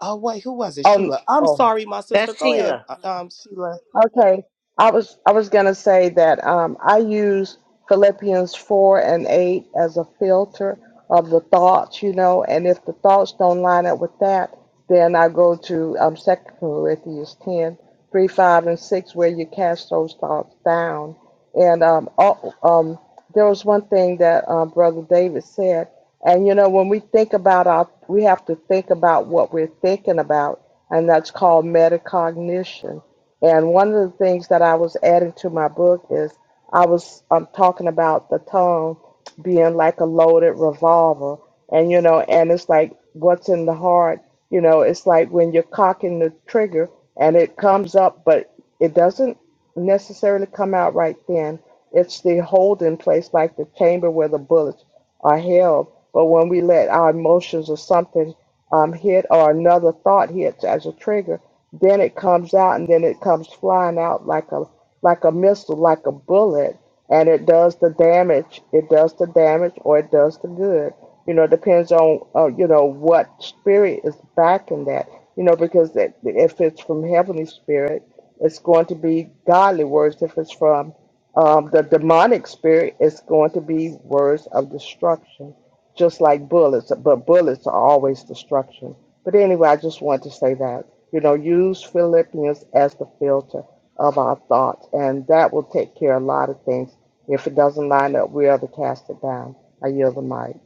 Oh wait, who was it?
Um.
Sheila. I'm
Oh.
sorry, my sister.
That's
Go
Sheila.
ahead, uh, um, Sheila.
Okay, I was I was gonna say that um, I use Philippians four and eight as a filter of the thoughts, you know, and if the thoughts don't line up with that, then I go to um, Second Corinthians ten three, 5, and six, where you cast those thoughts down. And um, all, um, there was one thing that uh, Brother David said, and you know, when we think about our, we have to think about what we're thinking about, and that's called metacognition and one of the things that I was adding to my book is I was um, talking about the tongue being like a loaded revolver. And, you know, and it's like what's in the heart, you know, it's like when you're cocking the trigger and it comes up, but it doesn't necessarily come out right then. It's the holding place, like the chamber where the bullets are held. But when we let our emotions or something um, hit or another thought hits as a trigger, then it comes out and then it comes flying out like a like a missile, like a bullet, and it does the damage. It does the damage or it does the good. You know, it depends on uh, you know what spirit is backing that. You know, because it, if it's from heavenly spirit, it's going to be godly words. If it's from um, the demonic spirit, it's going to be words of destruction just like bullets, but bullets are always destruction. But anyway, I just want to say that. You know, use Philippians as the filter of our thoughts, and that will take care of a lot of things. If it doesn't line up, we are to cast it down. I yield the mic.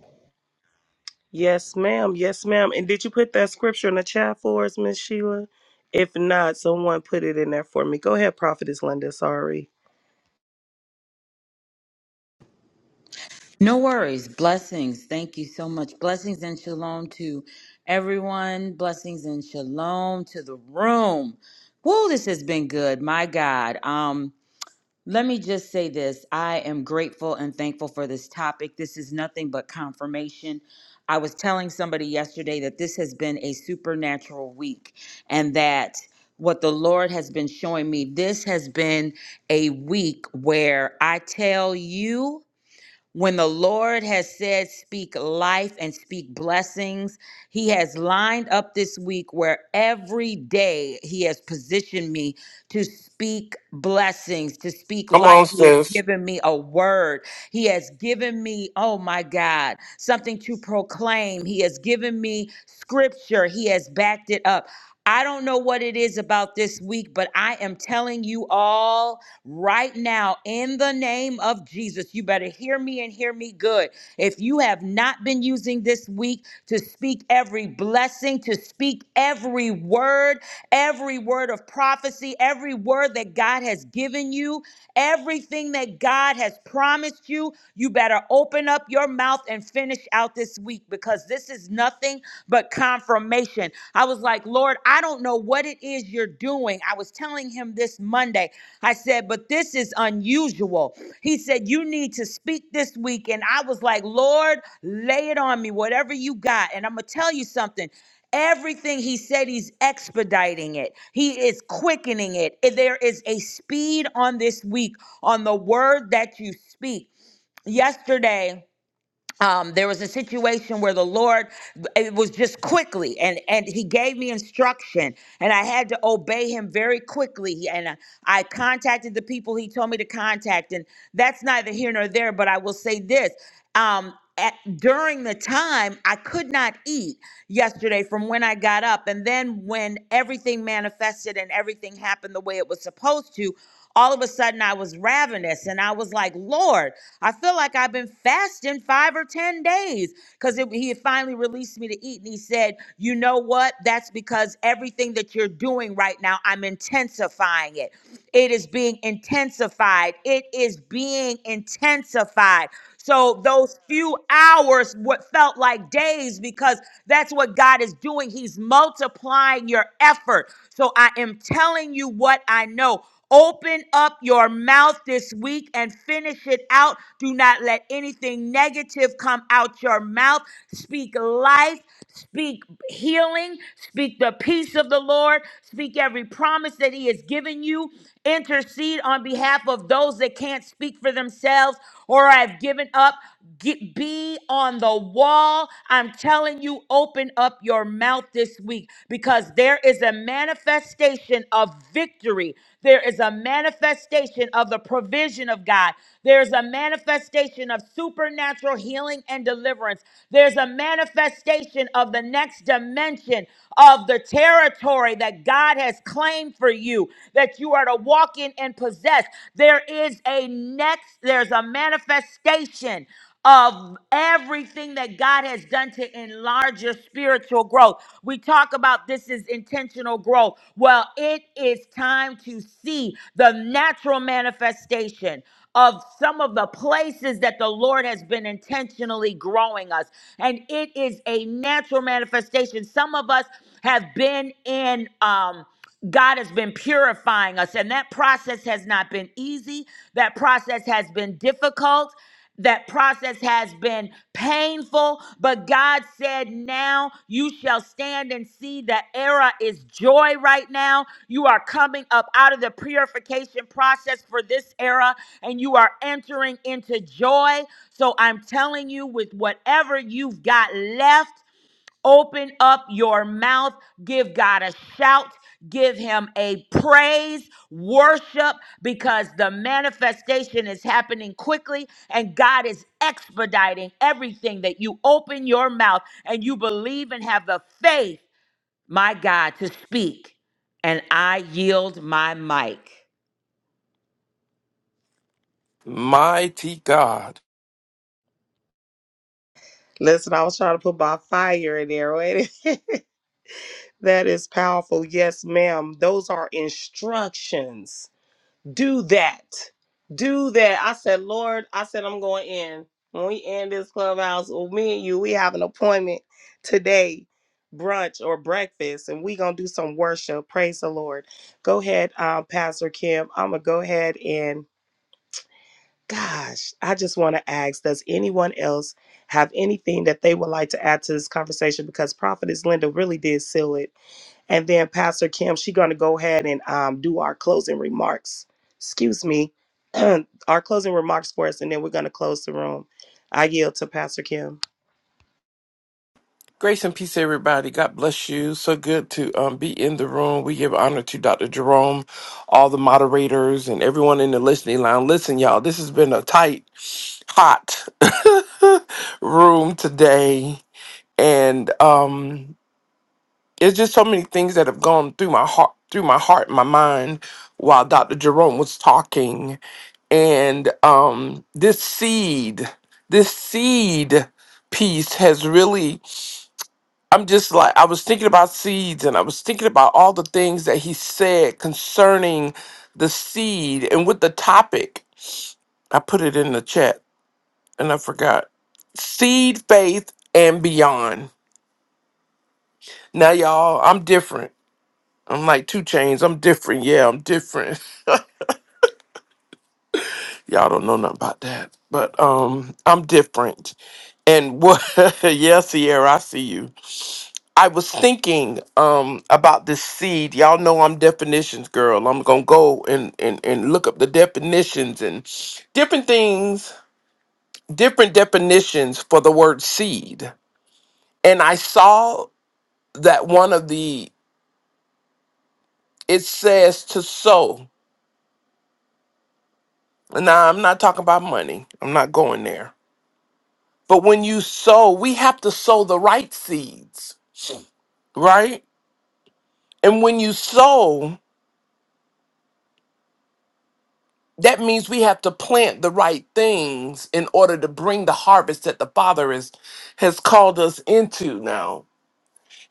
Yes, ma'am. Yes, ma'am. And did you put that scripture in the chat for us, Miss Sheila? If not, someone put it in there for me. Go ahead, Prophetess Linda. Sorry.
No worries. Blessings. Thank you so much. Blessings and shalom to everyone. Blessings and shalom to the room. Whoa, this has been good. My God. Um, let me just say this. I am grateful and thankful for this topic. This is nothing but confirmation. I was telling somebody yesterday that this has been a supernatural week and that what the Lord has been showing me, this has been a week where I tell you when the Lord has said, speak life and speak blessings, He has lined up this week where every day He has positioned me to speak blessings, to speak
Come on,
life. He has
sis.
given me a word. He has given me, oh my God, something to proclaim. He has given me scripture. He has backed it up. I don't know what it is about this week, but I am telling you all right now in the name of Jesus. You better hear me and hear me good. If you have not been using this week to speak every blessing, to speak every word, every word of prophecy, every word that God has given you, everything that God has promised you, you better open up your mouth and finish out this week because this is nothing but confirmation. I was like, Lord, I don't know what it is you're doing. I was telling him this Monday. I said, but this is unusual. He said, You need to speak this week. And I was like, Lord, lay it on me, whatever you got. And I'm going to tell you something. Everything he said, he's expediting it. He is quickening it. There is a speed on this week on the word that you speak. Yesterday, um, there was a situation where the Lord, it was just quickly, and and He gave me instruction, and I had to obey Him very quickly. And I, I contacted the people He told me to contact, and that's neither here nor there. But I will say this: um, at, during the time, I could not eat yesterday from when I got up, and then when everything manifested and everything happened the way it was supposed to all of a sudden I was ravenous and I was like, Lord, I feel like I've been fasting five or 10 days because he had finally released me to eat. And he said, You know what? That's because everything that you're doing right now, I'm intensifying it. It is being intensified. It is being intensified. So those few hours what felt like days because that's what God is doing. He's multiplying your effort. So I am telling you what I know. Open up your mouth this week and finish it out. Do not let anything negative come out your mouth. Speak life. Speak healing. Speak the peace of the Lord. Speak every promise that He has given you. Intercede on behalf of those that can't speak for themselves or have given up. Get, be on the wall. I'm telling you, open up your mouth this week because there is a manifestation of victory. There is a manifestation of the provision of God. There's a manifestation of supernatural healing and deliverance. There's a manifestation dimension of the next dimension of the territory that God has claimed for you that you are to walk in and possess. There is a next, there's a manifestation of everything that God has done to enlarge your spiritual growth. We talk about this is intentional growth. Well, it is time to see the natural manifestation of some of the places that the Lord has been intentionally growing us. And it is a natural manifestation. Some of us have been in, um, God has been purifying us, and that process has not been easy. That process has been difficult. That process has been painful, but God said, Now you shall stand and see that era is joy right now. You are coming up out of the purification process for this era and you are entering into joy. So I'm telling you, with whatever you've got left, Open up your mouth. Give God a shout. Give him a praise, worship, because the manifestation is happening quickly and God is expediting everything that you open your mouth and you believe and have the faith, my God, to speak. And I yield my mic.
Mighty God.
Listen, I was trying to put my fire in there. Wait. that is powerful. Yes, ma'am. Those are instructions. do that. Do that. I said, Lord, I said, I'm going in. When we end this clubhouse, well, me and you, we have an appointment today, brunch or breakfast, and we going to do some worship. Praise the Lord. Go ahead, um, Pastor Kim. I'm going to go ahead and, gosh, I just want to ask Does anyone else have anything that they would like to add to this conversation? Because Prophetess Linda really did seal it and then Pastor Kim, she's going to go ahead and um, do our closing remarks. Excuse me, our closing remarks for us, and then we're going to close the room. I yield to Pastor Kim.
Grace and peace, everybody. God bless you. So good to um, be in the room. We give honor to Dr. Jerome, all the moderators, and everyone in the listening line. Listen, y'all, this has been a tight, hot room today. And um, it's just so many things that have gone through my heart, through my heart and my mind while Dr. Jerome was talking. and um this seed this seed piece has really i'm just like i was thinking about seeds and i was thinking about all the things that he said concerning the seed and with the topic i put it in the chat and i forgot seed faith and beyond now y'all i'm different i'm like two chains i'm different yeah i'm different Y'all don't know nothing about that. But um I'm different. And what yeah, Sierra, I see you. I was thinking um about this seed. Y'all know I'm definitions girl. I'm gonna go and, and, and look up the definitions and different things, different definitions for the word seed. And I saw that one of the it says to sow. Now I'm not talking about money. I'm not going there. But when you sow, we have to sow the right seeds right? And when you sow, that means we have to plant the right things in order to bring the harvest that the Father is, has called us into now.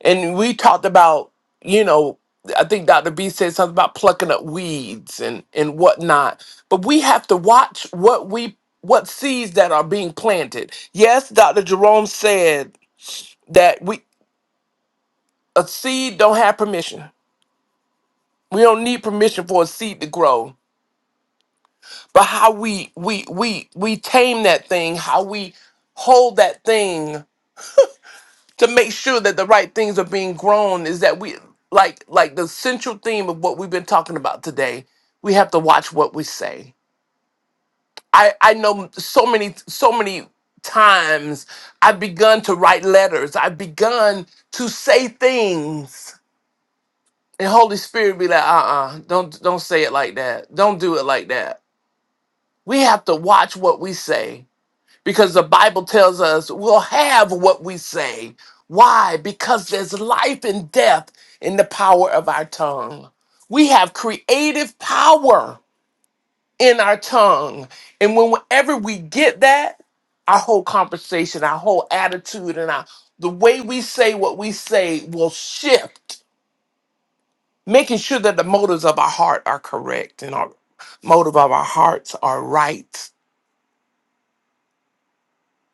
And we talked about, you know, I think Dr. B said something about plucking up weeds and, and whatnot. But we have to watch what we what seeds that are being planted. Yes, Dr. Jerome said that we a seed don't have permission. We don't need permission for a seed to grow but how we we we we tame that thing how we hold that thing to make sure that the right things are being grown is that we like like the central theme of what we've been talking about today we have to watch what we say i i know so many so many times i've begun to write letters i've begun to say things and holy spirit be like uh-uh don't don't say it like that don't do it like that we have to watch what we say because the Bible tells us we'll have what we say. Why? Because there's life and death in the power of our tongue. We have creative power in our tongue. And whenever we get that, our whole conversation, our whole attitude, and our the way we say what we say will shift, making sure that the motives of our heart are correct and our motive of our hearts are right.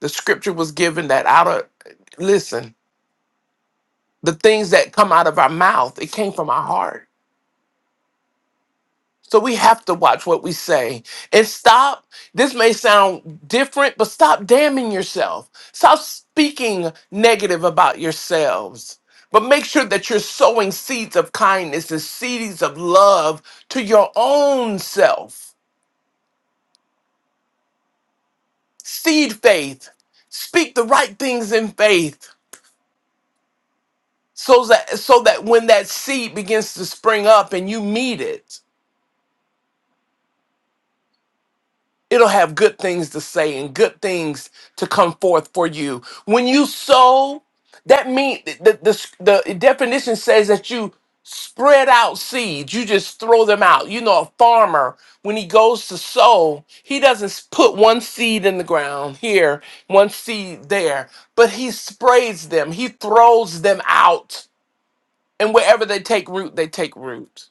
The scripture was given that out of listen. the things that come out of our mouth, it came from our heart. So we have to watch what we say and stop. This may sound different, but stop damning yourself. Stop speaking negative about yourselves. But make sure that you're sowing seeds of kindness and seeds of love to your own self. Seed faith. Speak the right things in faith so that so that when that seed begins to spring up and you meet it It'll have good things to say and good things to come forth for you. When you sow, that means the, the, the definition says that you spread out seeds. You just throw them out. You know, a farmer, when he goes to sow, he doesn't s- put one seed in the ground here, one seed there, but he sprays them. He throws them out. And wherever they take root, they take root.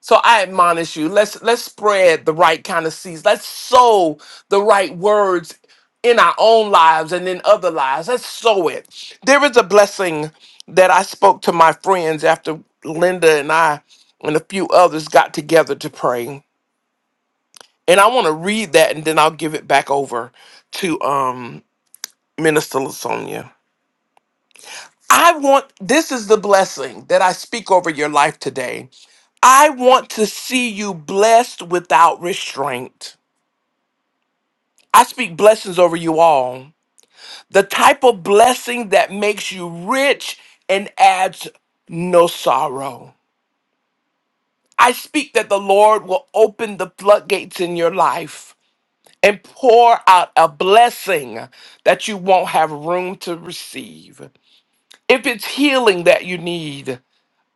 So I admonish you, let's let's spread the right kind of seeds. Let's sow the right words in our own lives and in other lives. Let's sow it. There is a blessing that I spoke to my friends after Linda and I and a few others got together to pray. And I want to read that and then I'll give it back over to um Minister Lasonia. I want this is the blessing that I speak over your life today. I want to see you blessed without restraint. I speak blessings over you all. The type of blessing that makes you rich and adds no sorrow. I speak that the Lord will open the floodgates in your life and pour out a blessing that you won't have room to receive. If it's healing that you need,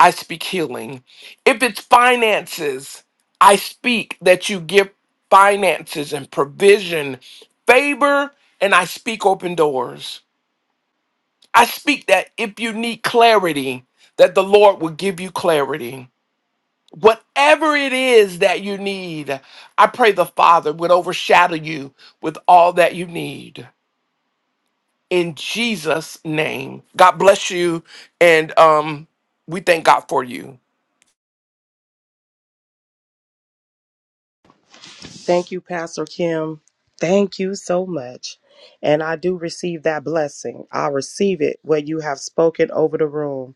I speak healing. If it's finances, I speak that you give finances and provision, favor, and I speak open doors. I speak that if you need clarity, that the Lord will give you clarity. Whatever it is that you need, I pray the Father would overshadow you with all that you need. In Jesus' name. God bless you. And um, we thank God for you.
Thank you, Pastor Kim. Thank you so much. And I do receive that blessing. I receive it what you have spoken over the room.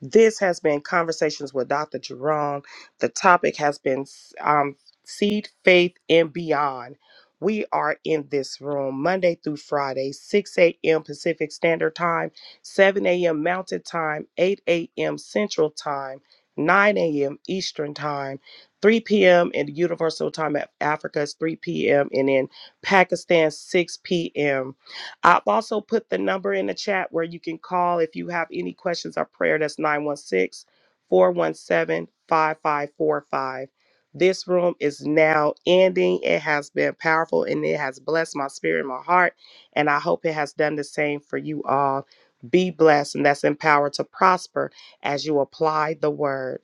This has been Conversations with Dr. Jerome. The topic has been um, Seed, Faith, and Beyond. We are in this room Monday through Friday, 6 a.m. Pacific Standard Time, 7 a.m. Mountain Time, 8 a.m. Central Time, 9 a.m. Eastern Time, 3 p.m. in the Universal Time of Africa is 3 p.m. and in Pakistan, 6 p.m. I've also put the number in the chat where you can call if you have any questions or prayer. That's 916 417 5545. This room is now ending. It has been powerful and it has blessed my spirit and my heart. And I hope it has done the same for you all. Be blessed, and that's empowered to prosper as you apply the word.